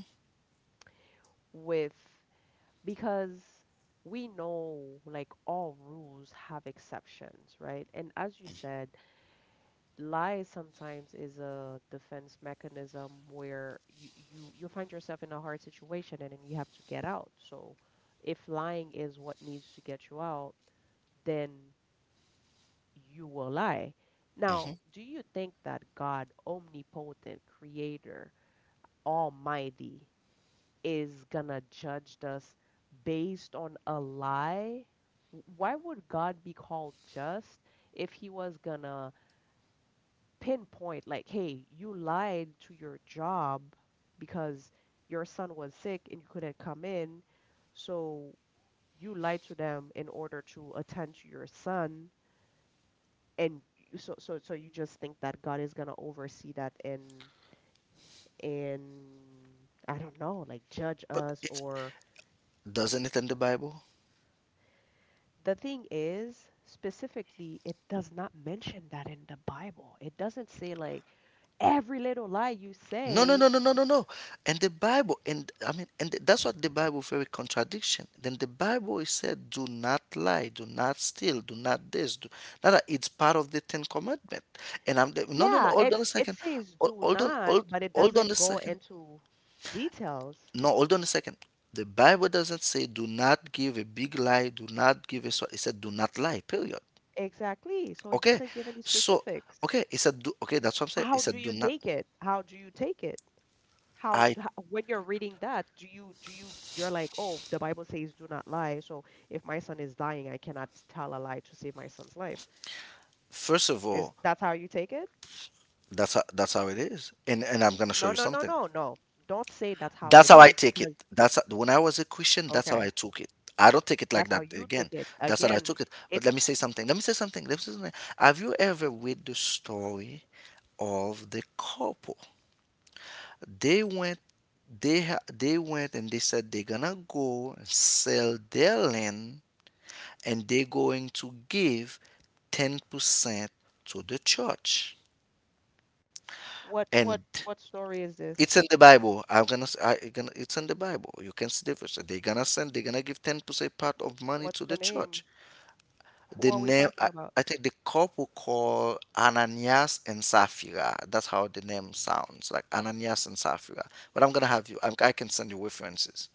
Speaker 1: with because we know like all rules have exceptions, right? And as you said, lies sometimes is a defense mechanism where you find yourself in a hard situation and then you have to get out. So if lying is what needs to get you out, then you will lie. Now,
Speaker 2: Mhm.
Speaker 1: do you think that God, omnipotent creator, Almighty is gonna judge us based on a lie? Why would God be called just if he was gonna pinpoint, like, hey, you lied to your job because your son was sick and you couldn't come in, so you lied to them in order to attend to your son, so you just think that God is gonna oversee that and I don't know, like judge
Speaker 2: But
Speaker 1: us
Speaker 2: it
Speaker 1: or
Speaker 2: doesn't, it in the Bible.
Speaker 1: the thing is, specifically, it does not mention that in the Bible. It doesn't say like every little lie you
Speaker 2: No, no,
Speaker 1: say.
Speaker 2: no, no, no, no, no. And the Bible, and I mean, and that's what the Bible very contradiction. Then the Bible is said, do not lie, do not steal, do not this. No, no, it's part of the Ten Commandment. And no, no,
Speaker 1: Yeah,
Speaker 2: no. Hold
Speaker 1: it's
Speaker 2: on a
Speaker 1: it
Speaker 2: second.
Speaker 1: says do
Speaker 2: Hol- Hold on,
Speaker 1: not,
Speaker 2: hold,
Speaker 1: but it
Speaker 2: hold on
Speaker 1: doesn't
Speaker 2: a
Speaker 1: go
Speaker 2: second.
Speaker 1: into details.
Speaker 2: No, hold on a second. The Bible doesn't say do not give a big lie, do not give a. so- it said do not lie. Period.
Speaker 1: Exactly. So it
Speaker 2: Okay.
Speaker 1: doesn't give any
Speaker 2: So
Speaker 1: specifics.
Speaker 2: okay, it said do. Okay, that's what I'm saying. It
Speaker 1: How do
Speaker 2: said do
Speaker 1: you
Speaker 2: not.
Speaker 1: take it? How do you take it?
Speaker 2: I
Speaker 1: When you're reading that, do you you're like, "Oh, the Bible says do not lie. So if my son is dying, I cannot tell a lie to save my son's life."
Speaker 2: First of
Speaker 1: Is
Speaker 2: all.
Speaker 1: that's how you take it?
Speaker 2: That's how it is. And I'm gonna show
Speaker 1: No,
Speaker 2: you
Speaker 1: no, no,
Speaker 2: something.
Speaker 1: no, no. Don't say that's how
Speaker 2: That's
Speaker 1: it
Speaker 2: how I
Speaker 1: is
Speaker 2: take it.
Speaker 1: because
Speaker 2: When I was a Christian, that's
Speaker 1: okay,
Speaker 2: how I took it. I don't take it
Speaker 1: that's
Speaker 2: like
Speaker 1: how
Speaker 2: that
Speaker 1: you took
Speaker 2: again.
Speaker 1: it.
Speaker 2: That's how I
Speaker 1: Again,
Speaker 2: took it.
Speaker 1: it
Speaker 2: But let me say something. Let me say something. Let me say something. Have you ever read the story of the couple? They went they went and they said they're gonna go and sell their land, and they're going to give 10% to the church.
Speaker 1: what
Speaker 2: And
Speaker 1: what what story is
Speaker 2: it's
Speaker 1: this?
Speaker 2: in the Bible. I'm gonna, s- I gonna. It's in the Bible. You can see the verse. They're gonna send. They're gonna give 10% part of money
Speaker 1: Wh-
Speaker 2: to
Speaker 1: What's
Speaker 2: the
Speaker 1: the
Speaker 2: church.
Speaker 1: name?
Speaker 2: The
Speaker 1: Who are we
Speaker 2: name. I,
Speaker 1: talking about?
Speaker 2: I think the couple called Ananias and Sapphira. That's how the name sounds, like Ananias and Sapphira. But I'm gonna have you. I can send you references.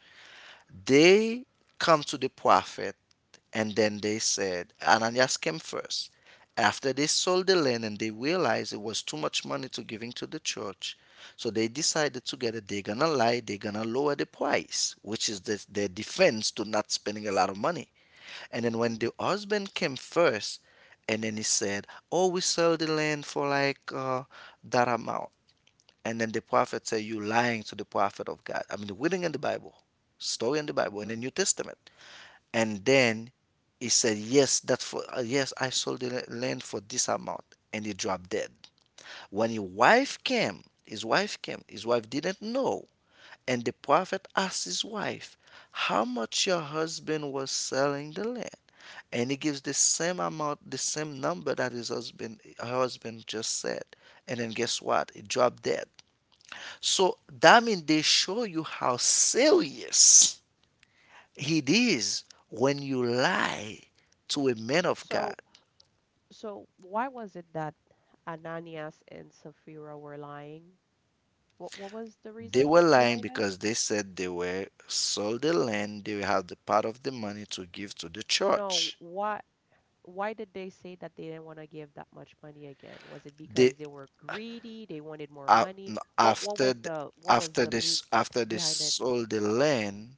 Speaker 2: They come to the prophet, and then they said, Ananias came first. After they sold the land and they realized it was too much money to giving to the church, so they decided together they're gonna lie, they're gonna lower the price, which is their defense to not spending a lot of money. And then when
Speaker 1: Hmm.
Speaker 2: the husband came first, and then he said, "Oh, we sell the land for like that amount." And then the prophet say, you lying to the prophet of God. I mean, reading in the Bible, story in the Bible, in the
Speaker 1: Hmm.
Speaker 2: New Testament. And then he said, yes, yes, I sold the land for this amount. And he dropped dead. When his wife didn't know. And the prophet asked his wife, how much your husband was selling the land? And he gives the same amount, the same number that her husband just said. And then guess what? He dropped dead. So that means they show you how serious it is when you lie to a man of God.
Speaker 1: So so why was it that Ananias and Sapphira were lying? What was the
Speaker 2: They were
Speaker 1: reason
Speaker 2: lying
Speaker 1: behind it?
Speaker 2: because they said they were sold the land, they had the part of the money to give to the
Speaker 1: No,
Speaker 2: church.
Speaker 1: why did they say that they didn't want to give that much money again? Was it
Speaker 2: They
Speaker 1: because they were greedy? They wanted more
Speaker 2: a-
Speaker 1: money? What
Speaker 2: after
Speaker 1: was
Speaker 2: th-
Speaker 1: the
Speaker 2: after this
Speaker 1: meat
Speaker 2: after they
Speaker 1: behind it?
Speaker 2: sold the land,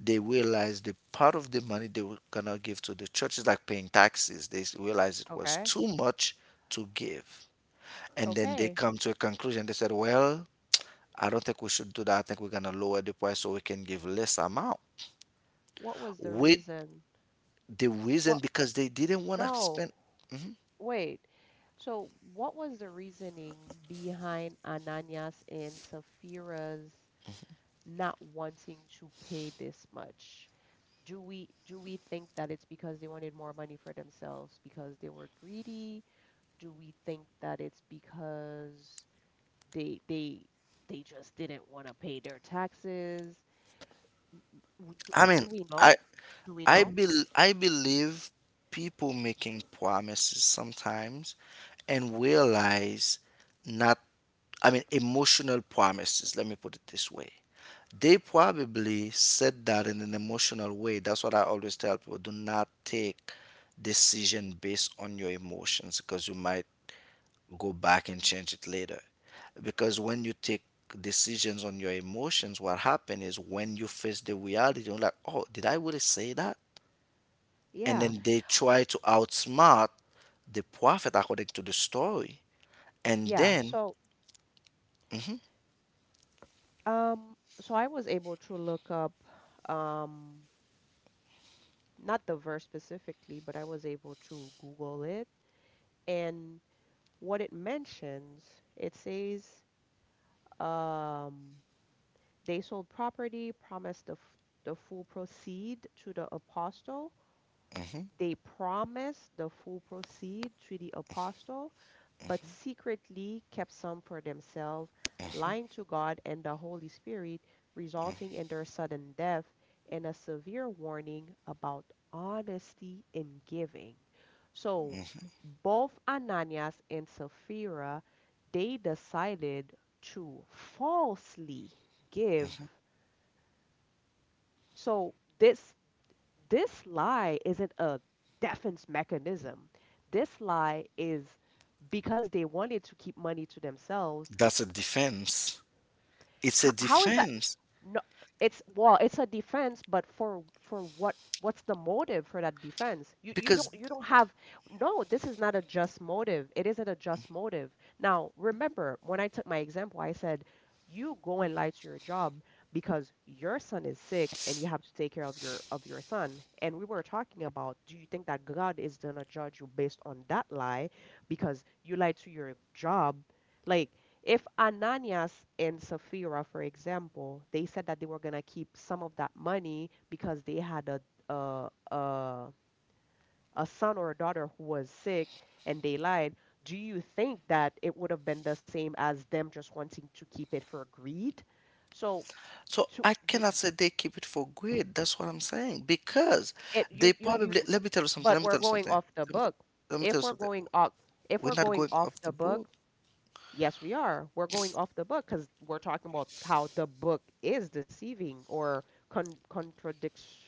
Speaker 2: they realized the part of the money they were gonna give to the church is like paying taxes. They realized it was
Speaker 1: Okay.
Speaker 2: too much to give. And then they
Speaker 1: Okay.
Speaker 2: come to a conclusion. They said, well, I don't think we should do that. I think we're going to lower the price so we can give less amount.
Speaker 1: What was the
Speaker 2: With
Speaker 1: reason?
Speaker 2: the
Speaker 1: What?
Speaker 2: reason because they didn't want to
Speaker 1: No.
Speaker 2: spend.
Speaker 1: Wait. So what was the reasoning behind Ananias and Sapphira's not wanting to pay this much? Do we think that it's because they wanted more money for themselves because they were greedy? Do we think that it's because they they just didn't want to pay their taxes? Do,
Speaker 2: I mean,
Speaker 1: we
Speaker 2: I
Speaker 1: know? Do we
Speaker 2: I
Speaker 1: know?
Speaker 2: bel I believe people making promises sometimes, and realize not, I mean, emotional promises. Let me put it this way. They probably said that in an emotional way. That's what I always tell people. Do not take decision based on your emotions because you might go back and change it later. Because when you take decisions on your emotions, what happens is when you face the reality, you're like, oh, did I really say that? And
Speaker 1: Yeah.
Speaker 2: then they try to outsmart the prophet according to the story. And
Speaker 1: Yeah.
Speaker 2: then,
Speaker 1: So
Speaker 2: Mhm,
Speaker 1: um so I was able to look up um not the verse specifically, but I was able to Google it and what it mentions, it says um they sold property, promised the full proceed to the apostle.
Speaker 2: mhm,
Speaker 1: They promised the full proceeds to the apostle, but secretly kept some for themselves, lying to God and the Holy Spirit, resulting in their sudden death and a severe warning about honesty in giving. So, both Ananias and Sapphira, they decided to falsely give.
Speaker 2: mhm.
Speaker 1: So this lie isn't a defense mechanism. This lie is because they wanted to keep money to themselves.
Speaker 2: That's a defense. It's
Speaker 1: How,
Speaker 2: a
Speaker 1: how is that?
Speaker 2: defense
Speaker 1: No, it's well it's a defense but for what, what's the motive for that defense? you you don't
Speaker 2: because.
Speaker 1: you don't have no, this is not a just motive. It isn't a just motive. Now, remember when I took my example, I said you go and lie to your job because your son is sick and you have to take care of your son, and we were talking about, do you think that God is going to judge you based on that lie because you lied to your job? Like, if Ananias and Sapphira, for example, they said that they were going to keep some of that money because they had a, a, a son or a daughter who was sick and they lied, do you think that it would have been the same as them just wanting to keep it for greed? So
Speaker 2: So
Speaker 1: to
Speaker 2: I
Speaker 1: do
Speaker 2: cannot say they keep it for good. That's what I'm saying. Because
Speaker 1: it,
Speaker 2: let me tell you something.
Speaker 1: but
Speaker 2: Let me
Speaker 1: we're
Speaker 2: tell you
Speaker 1: going
Speaker 2: something.
Speaker 1: off the
Speaker 2: Let me, t-
Speaker 1: book.
Speaker 2: let me tell
Speaker 1: If
Speaker 2: you
Speaker 1: we're
Speaker 2: something.
Speaker 1: going off, if
Speaker 2: We're
Speaker 1: we're
Speaker 2: not
Speaker 1: going
Speaker 2: going
Speaker 1: off
Speaker 2: off
Speaker 1: the
Speaker 2: the book.
Speaker 1: book, yes, we are. We're going off the book because we're talking about how the book is deceiving or contradicts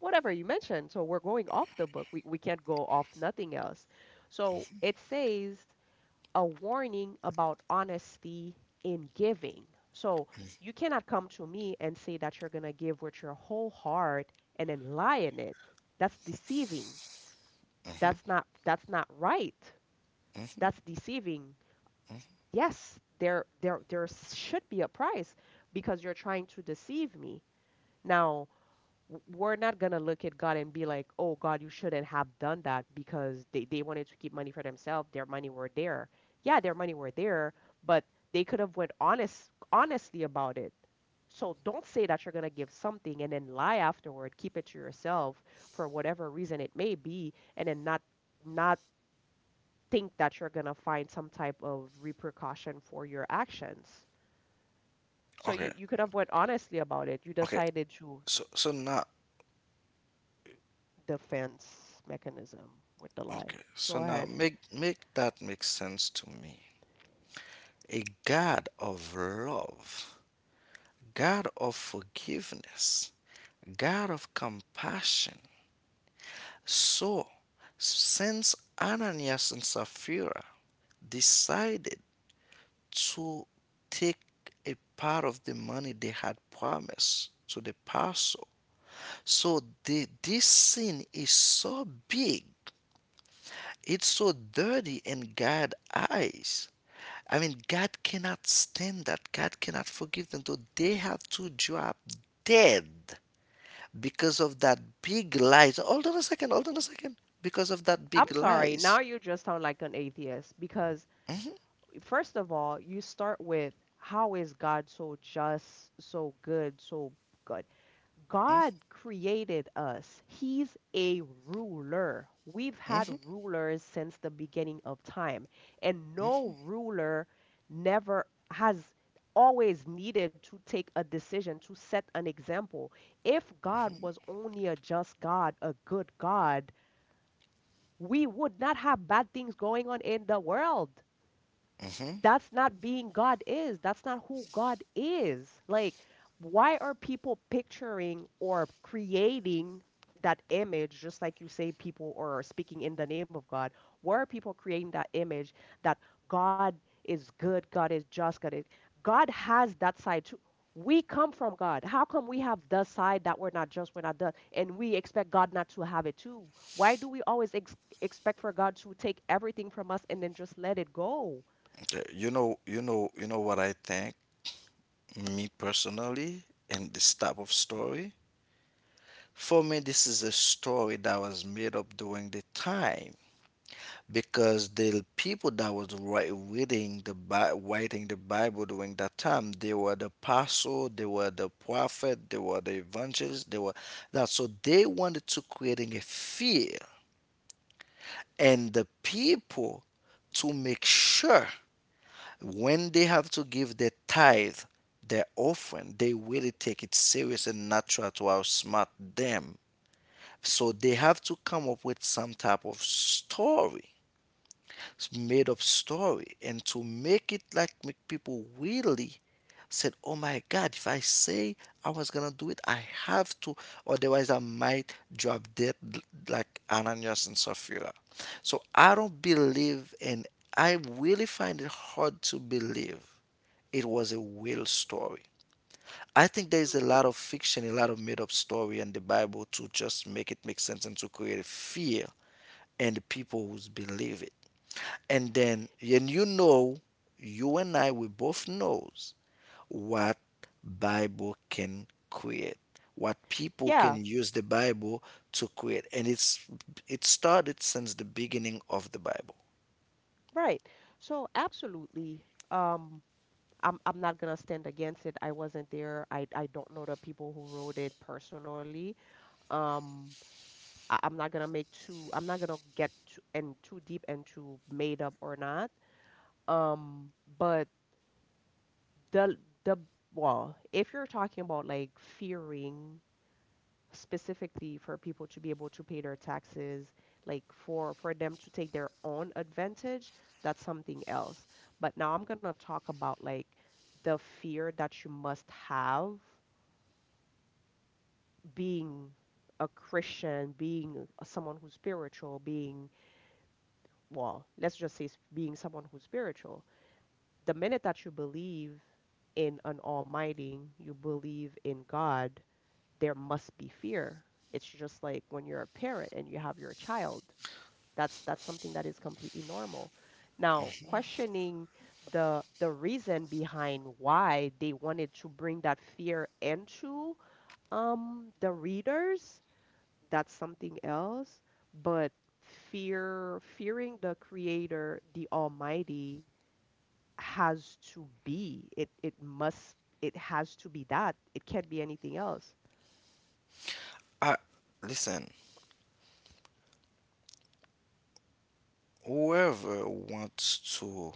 Speaker 1: whatever you mentioned. So we're going off the book. We can't go off nothing else. So it says a warning about honesty in giving. So you cannot come to me and say that you're going to give with your whole heart and then lie in it. That's deceiving. That's not right. That's deceiving. Yes, there there should be a price because you're trying to deceive me. Now, we're not gonna look at God and be like, "Oh God, you shouldn't have done that because they wanted to keep money for themselves. Their money were there. Yeah, their money were there, but they could have went honestly about it. So don't say that you're gonna give something and then lie afterward, keep it to yourself for whatever reason it may be, and then not think that you're going to find some type of repercussion for your actions. So you,
Speaker 2: Okay.
Speaker 1: you could have went honestly about it. You
Speaker 2: Okay.
Speaker 1: decided to
Speaker 2: So now
Speaker 1: defense mechanism with the lie.
Speaker 2: okay. So
Speaker 1: Go
Speaker 2: now
Speaker 1: ahead.
Speaker 2: make that make sense to me. A God of love, God of forgiveness, God of compassion. So since Ananias and Sapphira decided to take a part of the money they had promised to the pastor. So this sin is so big, it's so dirty in God's eyes. I mean, God cannot stand that. God cannot forgive them. So they have to drop dead because of that big lies. Hold on a second. Hold on a second. Because of that
Speaker 1: I'm
Speaker 2: big
Speaker 1: sorry. Now
Speaker 2: lies.
Speaker 1: you just sound like an atheist because first of all, you start with how is God so just, so good, so good? God created us. He's a ruler. We've had
Speaker 2: Hmm.
Speaker 1: rulers since the beginning of time, and no ruler never has always needed to take a decision to set an example. If God was only a just God, a good God, we would not have bad things going on in the world.
Speaker 2: Hmm.
Speaker 1: That's not being God is. That's not who God is. Like, why are people picturing or creating that image, just like you say, people or are speaking in the name of God? Why are people creating that image that God is good, God is just, God is. God has that side too. We come from God. How come we have the side that we're not just, we're not the, and we expect God not to have it too? Why do we always expect for God to take everything from us and then just let it go?
Speaker 2: You know what I think. Me personally and this type of story, for me this is a story that was made up during the time, because the people that reading the writing the bible during that time, they were the apostle, they were the prophet, they were the evangelist, they were that, so they wanted to creating a fear and the people, to make sure when they have to give their tithe, their offering, they really take it serious and not try to outsmart them. So they have to come up with some type of story, made up story, and to make it like make people really said, oh my god, if I say I was gonna do it, I have to, otherwise I might drop dead, like Ananias and Sapphira. So I don't believe, and I really find it hard to believe it was a real story. I think there is a lot of fiction, a lot of made-up story in the bible, to just make it make sense and to create fear in the people who believe it. And you know, you and I, we both knows what bible can create, what people
Speaker 1: Yeah,
Speaker 2: can use the bible to create. And it started since the beginning of the bible.
Speaker 1: right. So absolutely. Um, I'm not gonna stand against it. I wasn't there. I don't know the people who wrote it personally. Um, I, I'm not gonna make too. I'm not gonna get too and too deep into made up or not. Um, but the the well, if you're talking about like fearing specifically for people to be able to pay their taxes, like for them to take their own advantage, that's something else. But now I'm gonna talk about like the fear that you must have being a Christian, being someone who's spiritual, being, well, let's just say being someone who's spiritual. The minute that you believe in an almighty, you believe in God, there must be fear. It's just like when you're a parent and you have your child. That's something that is completely normal. Now, questioning the reason behind why they wanted to bring that fear into the readers, that's something else, but fearing the creator, the almighty has to be. It must it has to be that. It can't be anything else.
Speaker 2: I listen. Whoever wants to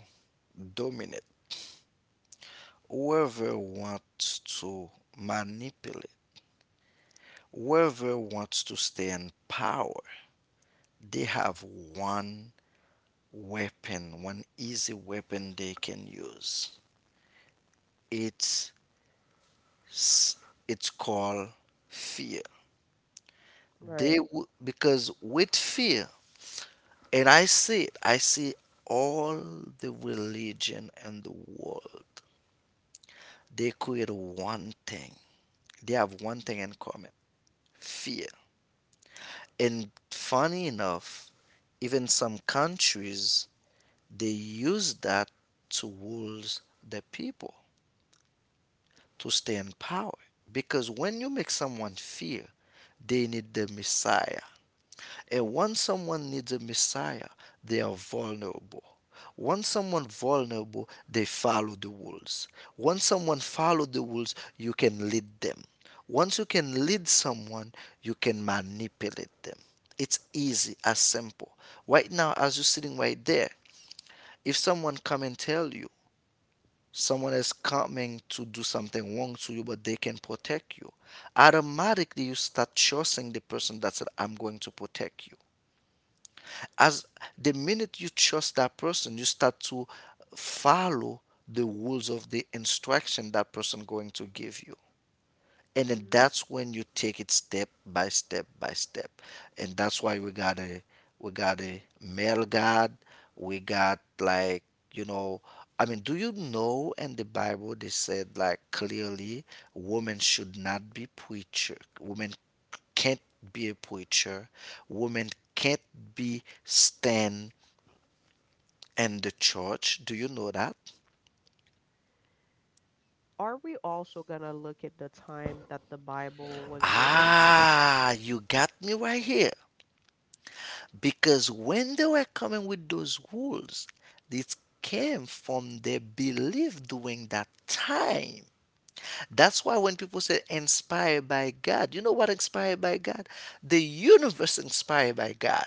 Speaker 2: dominate, whoever wants to manipulate, whoever wants to stay in power, they have one weapon, one easy weapon they can use. It's it's called fear.
Speaker 1: Right.
Speaker 2: Because with fear, and I see it, I see all the religion in the world, they create one thing. They have one thing in common: fear. And funny enough, even some countries, they use that to rule the people, to stay in power. Because when you make someone fear, they need the Messiah. And once someone needs a Messiah, they are vulnerable. Once someone vulnerable, they follow the rules. Once someone follow the rules, you can lead them. Once you can lead someone, you can manipulate them. It's easy as simple. Right now, as you're sitting right there, if someone come and tell you, someone is coming to do something wrong to you, but they can protect you. Automatically, you start trusting the person that said, I'm going to protect you. As the minute you trust that person, you start to follow the rules of the instruction that person going to give you, and then
Speaker 1: Hmm.
Speaker 2: that's when you take it step by step by step. And that's why we got a male god, we got like, you know, I mean, do you know in the bible they said, like, clearly, women should not be preacher, women can't be a preacher, women can't be stand in the church? Do you know that?
Speaker 1: Are we also going to look at the time that the Bible was written?
Speaker 2: Ah, you got me right here. Because when they were coming with those rules, it came from their belief during that time. That's why when people say inspired by God, you know what inspired by God? The universe inspired by God.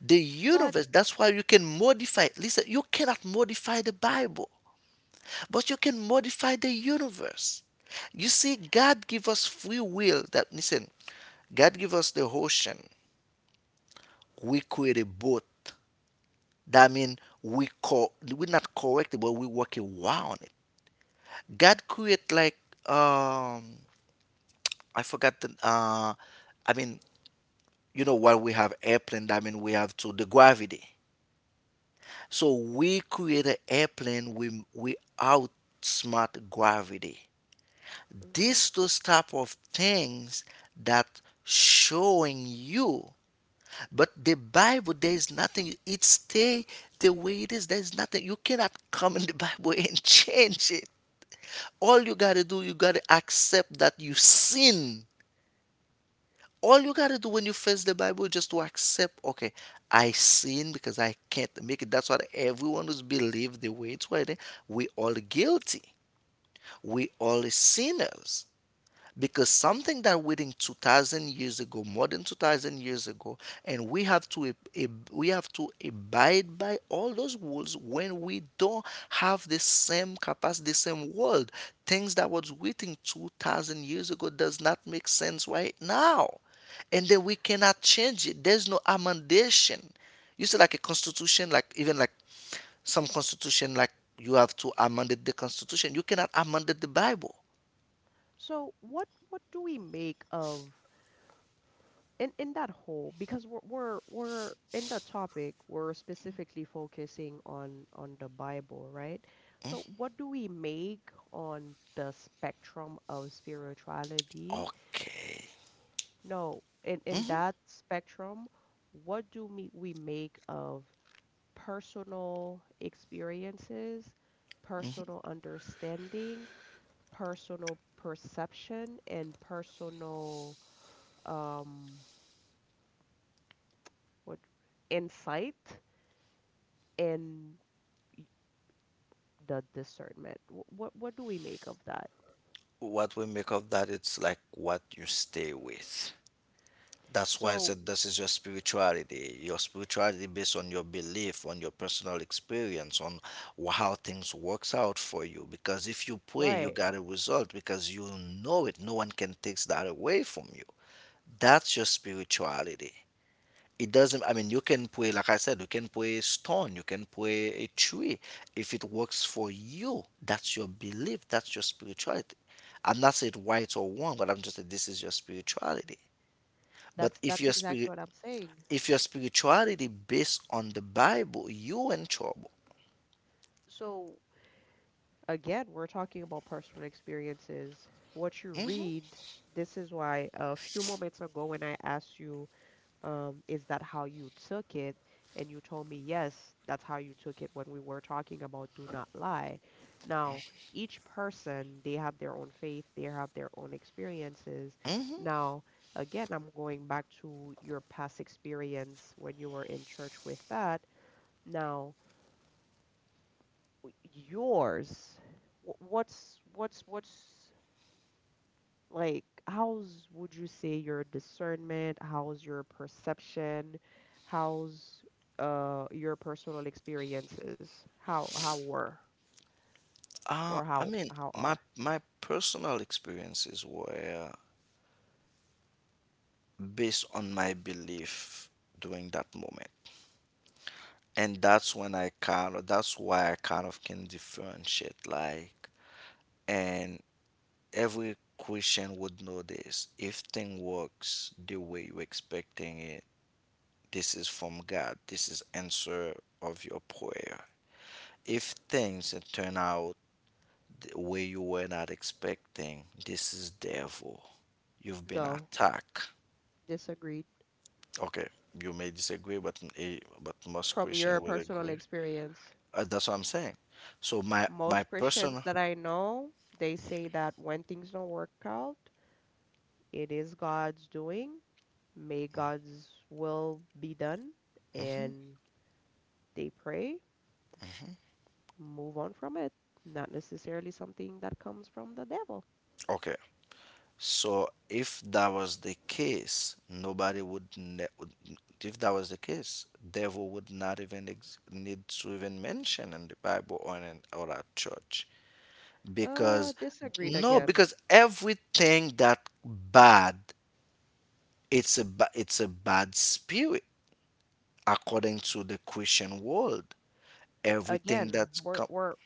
Speaker 2: The
Speaker 1: But
Speaker 2: universe, that's why you can modify. Listen, you cannot modify the Bible, but you can modify the universe. You see, God give us free will. That, listen, God give us the ocean. We create a boat. That mean we we not correct it, but we work a wow on it. God create like, um, I forgot the, uh, I mean, you know, while we have airplane, that mean we have to the gravity. So we create an airplane, we outsmart gravity.
Speaker 1: hmm.
Speaker 2: These those type of things that showing you, but the bible, there is nothing, it stay the way it is. There's nothing, you cannot come in the bible and change it. All you got to do, you got to accept that you sin. All you got to do when you face the Bible is just to accept, okay, I sin because I can't make it. That's what everyone who's believed the way it's right. We all guilty. We all sinners, because something that written 2000 years ago, more than 2000 years ago, and we have to we have to abide by all those rules, when we don't have the same capacity, the same world. Things that was written 2000 years ago does not make sense right now, and then we cannot change it. There's no amendation. You see, like a constitution, like even like some constitution, like, you have to amend the constitution. You cannot amend the bible.
Speaker 1: So what do we make of in that whole because we're in the topic we're specifically focusing on the Bible, right? So what do we make on the spectrum of spirituality?
Speaker 2: Okay,
Speaker 1: No, in that spectrum, what do we make of personal experiences, personal understanding, personal perception, and personal um what insight and y- the discernment? What do we make of that?
Speaker 2: what we make of that, it's like what you stay with. That's why I
Speaker 1: So
Speaker 2: said, this is your spirituality. Your spirituality based on your belief, on your personal experience, on how things works out for you. Because if you pray, you
Speaker 1: right,
Speaker 2: got a result, because you know it, no one can take that away from you. That's your spirituality. It doesn't, I mean, you can play, like I said, you can play stone, you can play a tree. If it works for you, that's your belief, that's your spirituality. I'm not saying right or wrong, but I'm just saying, this is your spirituality. But if
Speaker 1: that's
Speaker 2: your
Speaker 1: exactly
Speaker 2: spirit,
Speaker 1: what I'm saying.
Speaker 2: if your spirituality based on the Bible, you in trouble.
Speaker 1: So again, we're talking about personal experiences what you read. This is why a few moments ago when I asked you, is that how you took it? And you told me, yes, that's how you took it when we were talking about do not lie. Now, each person, they have their own faith, they have their own experiences. Now, again, I'm going back to your past experience when you were in church with that. Now, yours, what's what's like, how's would you say your discernment? How's your perception? How's your personal experiences? How were or
Speaker 2: I mean,
Speaker 1: how are?
Speaker 2: my personal experiences were based on my belief during that moment. And that's when I kind of, that's why I kind of can differentiate, like, and every Christian would know this: if thing works the way you're expecting it, this is from God, this is answer of your prayer. If things turn out the way you were not expecting, this is devil, you've been
Speaker 1: No,
Speaker 2: attacked.
Speaker 1: disagreed.
Speaker 2: Okay, you may disagree, but eh, but most
Speaker 1: From your
Speaker 2: Christian will
Speaker 1: personal
Speaker 2: agree.
Speaker 1: experience,
Speaker 2: That's what I'm saying, so my
Speaker 1: most Christians
Speaker 2: personal.
Speaker 1: that I know, they say that when things don't work out, it is God's doing. May God's will be done,
Speaker 2: Mhm.
Speaker 1: and they pray move on from it. Not necessarily something that comes from the devil.
Speaker 2: Okay. So if that was the case, nobody would if that was the case, devil would not even need to even mention in the Bible or in or at church, because
Speaker 1: Disagreed
Speaker 2: no,
Speaker 1: again.
Speaker 2: because everything that bad, it's a bad spirit according
Speaker 1: Mm.
Speaker 2: to the Christian world. Everything
Speaker 1: Again,
Speaker 2: that's
Speaker 1: we're
Speaker 2: come.
Speaker 1: we're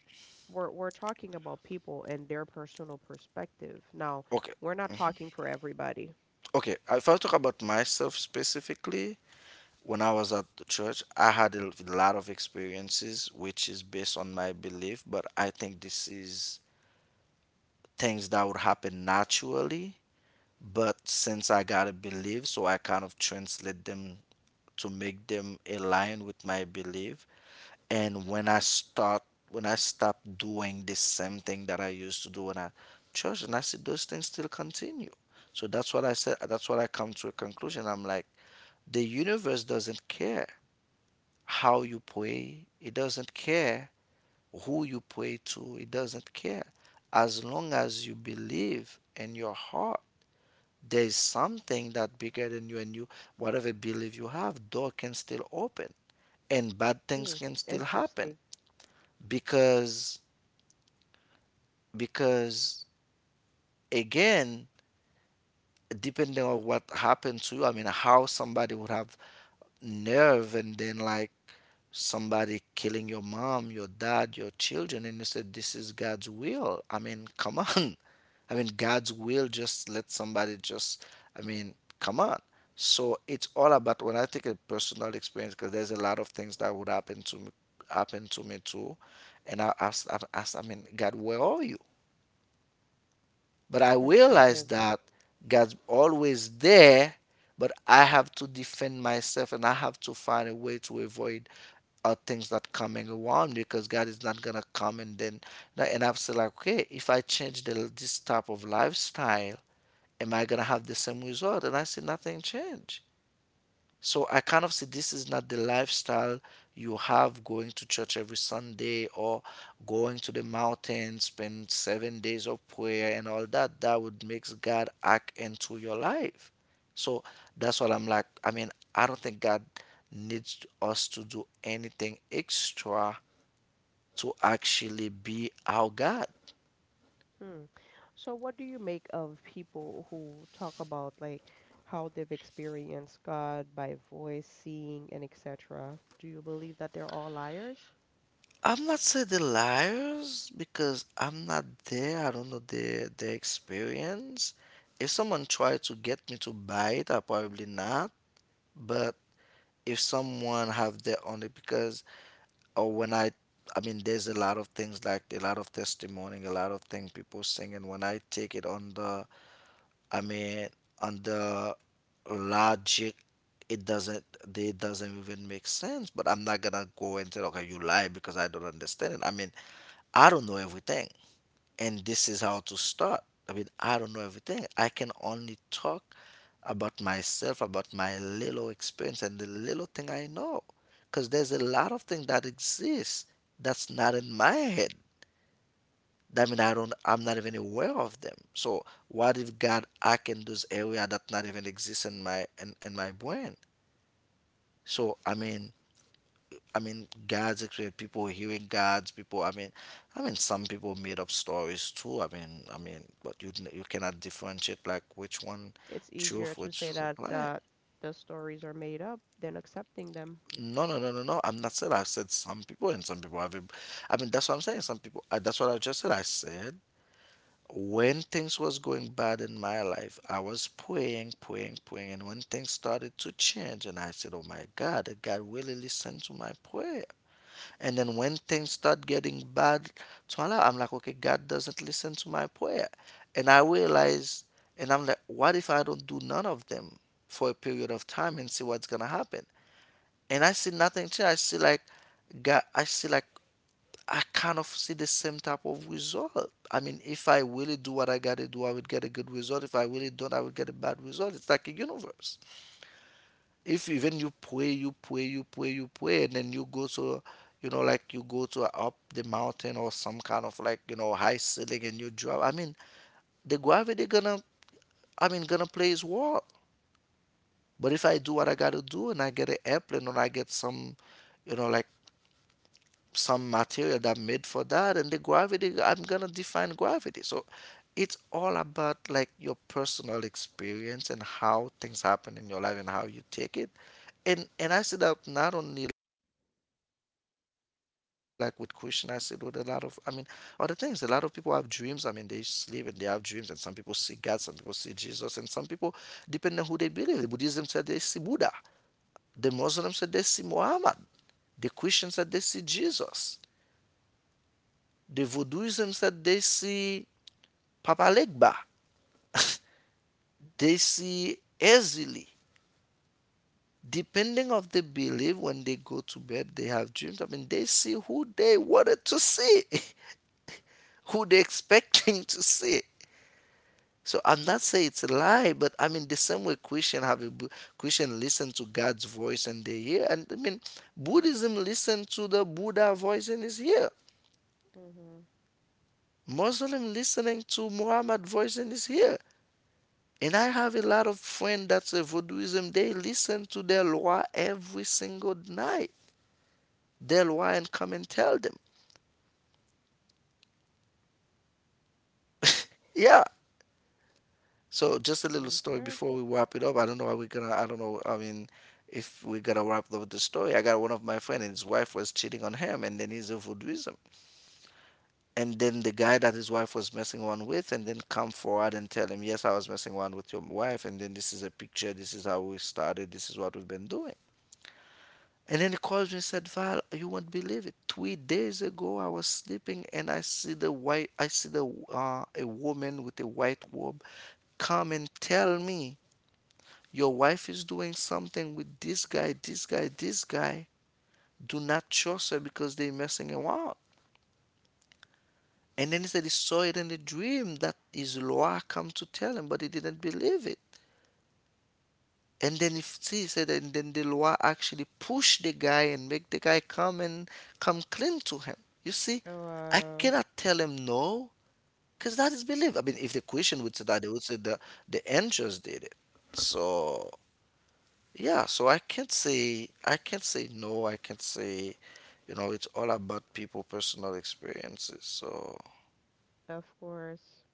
Speaker 1: we're talking about people and their personal perspective. Now,
Speaker 2: Okay.
Speaker 1: we're not talking for everybody.
Speaker 2: Okay, if I talk about myself specifically, when I was at the church, I had a lot of experiences, which is based on my belief, but I think this is things that would happen naturally. But since I got to believe, so I kind of translate them to make them align with my belief. And when I start, when I stop doing the same thing that I used to do when I church, and I see those things still continue. So that's what I said. That's what I come to a conclusion. I'm like, the universe doesn't care how you pray. It doesn't care who you pray to. It doesn't care. As long as you believe in your heart, there is something that bigger than you, and you, whatever belief you have, door can still open and bad things
Speaker 1: Hmm,
Speaker 2: can still happen.
Speaker 1: interesting
Speaker 2: Because because again, depending on what happened to you, I mean, how somebody would have nerve, and then, like, somebody killing your mom, your dad, your children, and you said this is God's will? I mean, come on. I mean, God's will just let somebody just, I mean, come on. So it's all about, when I take a personal experience, because there's a lot of things that would happen to me too, and I asked, I mean, God, where are you? But I realized
Speaker 1: perspective.
Speaker 2: that God's always there, but I have to defend myself, and I have to find a way to avoid are things that coming around me, because God is not gonna come and then, no. And I've said, like, okay, if I change the, this type of lifestyle, am I gonna have the same result? And I see nothing change. So I kind of see, this is not the lifestyle. You have going to church every Sunday, or going to the mountain, spend seven days of prayer and all that, that would makes God act into your life. So that's what I'm like. I mean, I don't think God needs us to do anything extra to actually be our God.
Speaker 1: Hmm. So what do you make of people who talk about like how they've experienced God by voice, seeing, and etc.? Do you believe that they're all liars?
Speaker 2: I'm not say the liars, because I'm not there. I don't know their experience. If someone tried to get me to buy it, I probably not. But if someone have their own, because, or when I mean, there's a lot of things, like a lot of testimony, a lot of things people sing, and when I take it on the, I mean, on the logic, it doesn't, they doesn't even make sense. But I'm not gonna go and say, okay, you lie, because I don't understand it. I mean, I don't know everything. And this is how to start. I mean, I don't know everything. I can only talk about myself, about my little experience and the little thing I know. Because there's a lot of things that exist that's not in my head. I mean, I'm not even aware of them. So what if God I can those area that not even exist in my in my brain? So I mean, God's experience, people hearing God's people, I mean, some people made up stories too. But you cannot differentiate like which one
Speaker 1: It's easier
Speaker 2: truth,
Speaker 1: to
Speaker 2: which
Speaker 1: say
Speaker 2: one
Speaker 1: that
Speaker 2: lie.
Speaker 1: the stories are made up than accepting them.
Speaker 2: No, no, no, no, no. I'm not saying, I said some people and some people have. That's what I'm saying. Some people. That's what I just said. I said when things was going bad in my life, I was praying, praying, praying, and when things started to change, and I said, "Oh my God, did God really listened to my prayer." And then when things start getting bad, voila, I'm like, okay, God doesn't listen to my prayer. And I realize, and I'm like, what if I don't do none of them for a period of time and see what's gonna happen? And I see nothing change. I see like God, I see like I kind of see the same type of result. I mean, if I really do what I gotta do, I would get a good result. If I really don't, I would get a bad result. It's like a universe, if even you pray, you pray, you pray, you pray, and then you go to, like you go to up the mountain or some kind of like, you know, high ceiling and you drop. I mean, the gravity gonna, I mean, gonna play its role. But if I do what I gotta do and I get an airplane or I get some, you know, like some material that made for that, and the gravity I'm gonna define gravity. So it's all about like your personal experience and how things happen in your life and how you take it. And I see that not only like with Christian, I see it with a lot of, I mean, other things. A lot of people have dreams, I mean, they sleep and they have dreams, and some people see God, some people see Jesus, and some people, depending on who they believe, the Buddhism said they see Buddha, the Muslim said they see Muhammad, the Christian said they see Jesus, the Vodouism said they see Papa Legba, they see easily. Depending of the belief, when they go to bed, they have dreams. I mean, they see who they wanted to see, who they expecting to see. So I'm not saying it's a lie, but I mean the same way Christian have a Christian listen to God's voice and they hear, and I mean Buddhism listen to the Buddha voice and is here.
Speaker 1: Mm-hmm.
Speaker 2: Muslim listening to Muhammad voice and is here. And I have a lot of friends that's a voodooism. They listen to their law every single night. Their law and come and tell them. Yeah. So just a little story
Speaker 1: Okay.
Speaker 2: before we wrap it up. I don't know how we're gonna. I don't know. I mean, if we're gonna wrap up the story, I got one of my friends and his wife was cheating on him, and then he's a voodooism. And then the guy that his wife was messing around with, and then come forward and tell him, yes, I was messing around with your wife, and then this is a picture. This is how we started. This is what we've been doing. And then he calls me and said, "Val, you won't believe it. 3 days ago, I was sleeping and I see the white, I see the a woman with a white robe come and tell me your wife is doing something with this guy, this guy, this guy. Do not trust her because they're messing around." And then he said he saw it in a dream that his Loa come to tell him, but he didn't believe it. And then if see said, and then the law actually push the guy and make the guy come and come clean to him. You see,
Speaker 1: Oh,
Speaker 2: I cannot tell him no, because that is belief. I mean, if the question would say that, they would say the angels did it. So yeah, so I can't say, I can't say no. I can't say, you know, it's all about people personal experiences. So
Speaker 1: of course.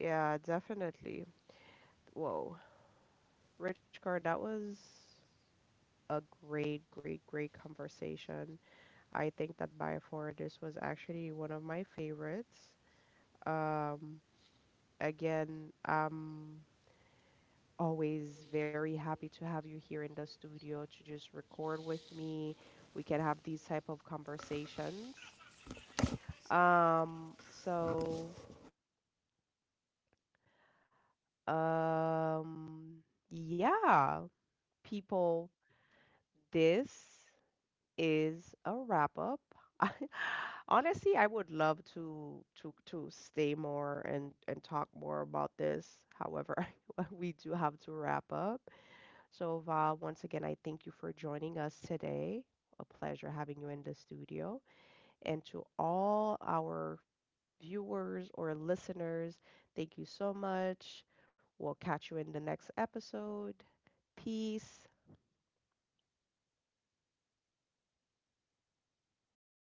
Speaker 1: Yeah, definitely. Whoa. Rich Card, that was a great, great, great conversation. I think that by far this was actually one of my favorites. Um, again, Always very happy to have you here in the studio to just record with me. We can have these type of conversations. So, um, yeah, people, this is a wrap up. I, honestly, I would love to stay more and talk more about this. However, we do have to wrap up. So, Va, once again, I thank you for joining us today. A pleasure having you in the studio. And to all our viewers or listeners, thank you so much. We'll catch you in the next episode. Peace.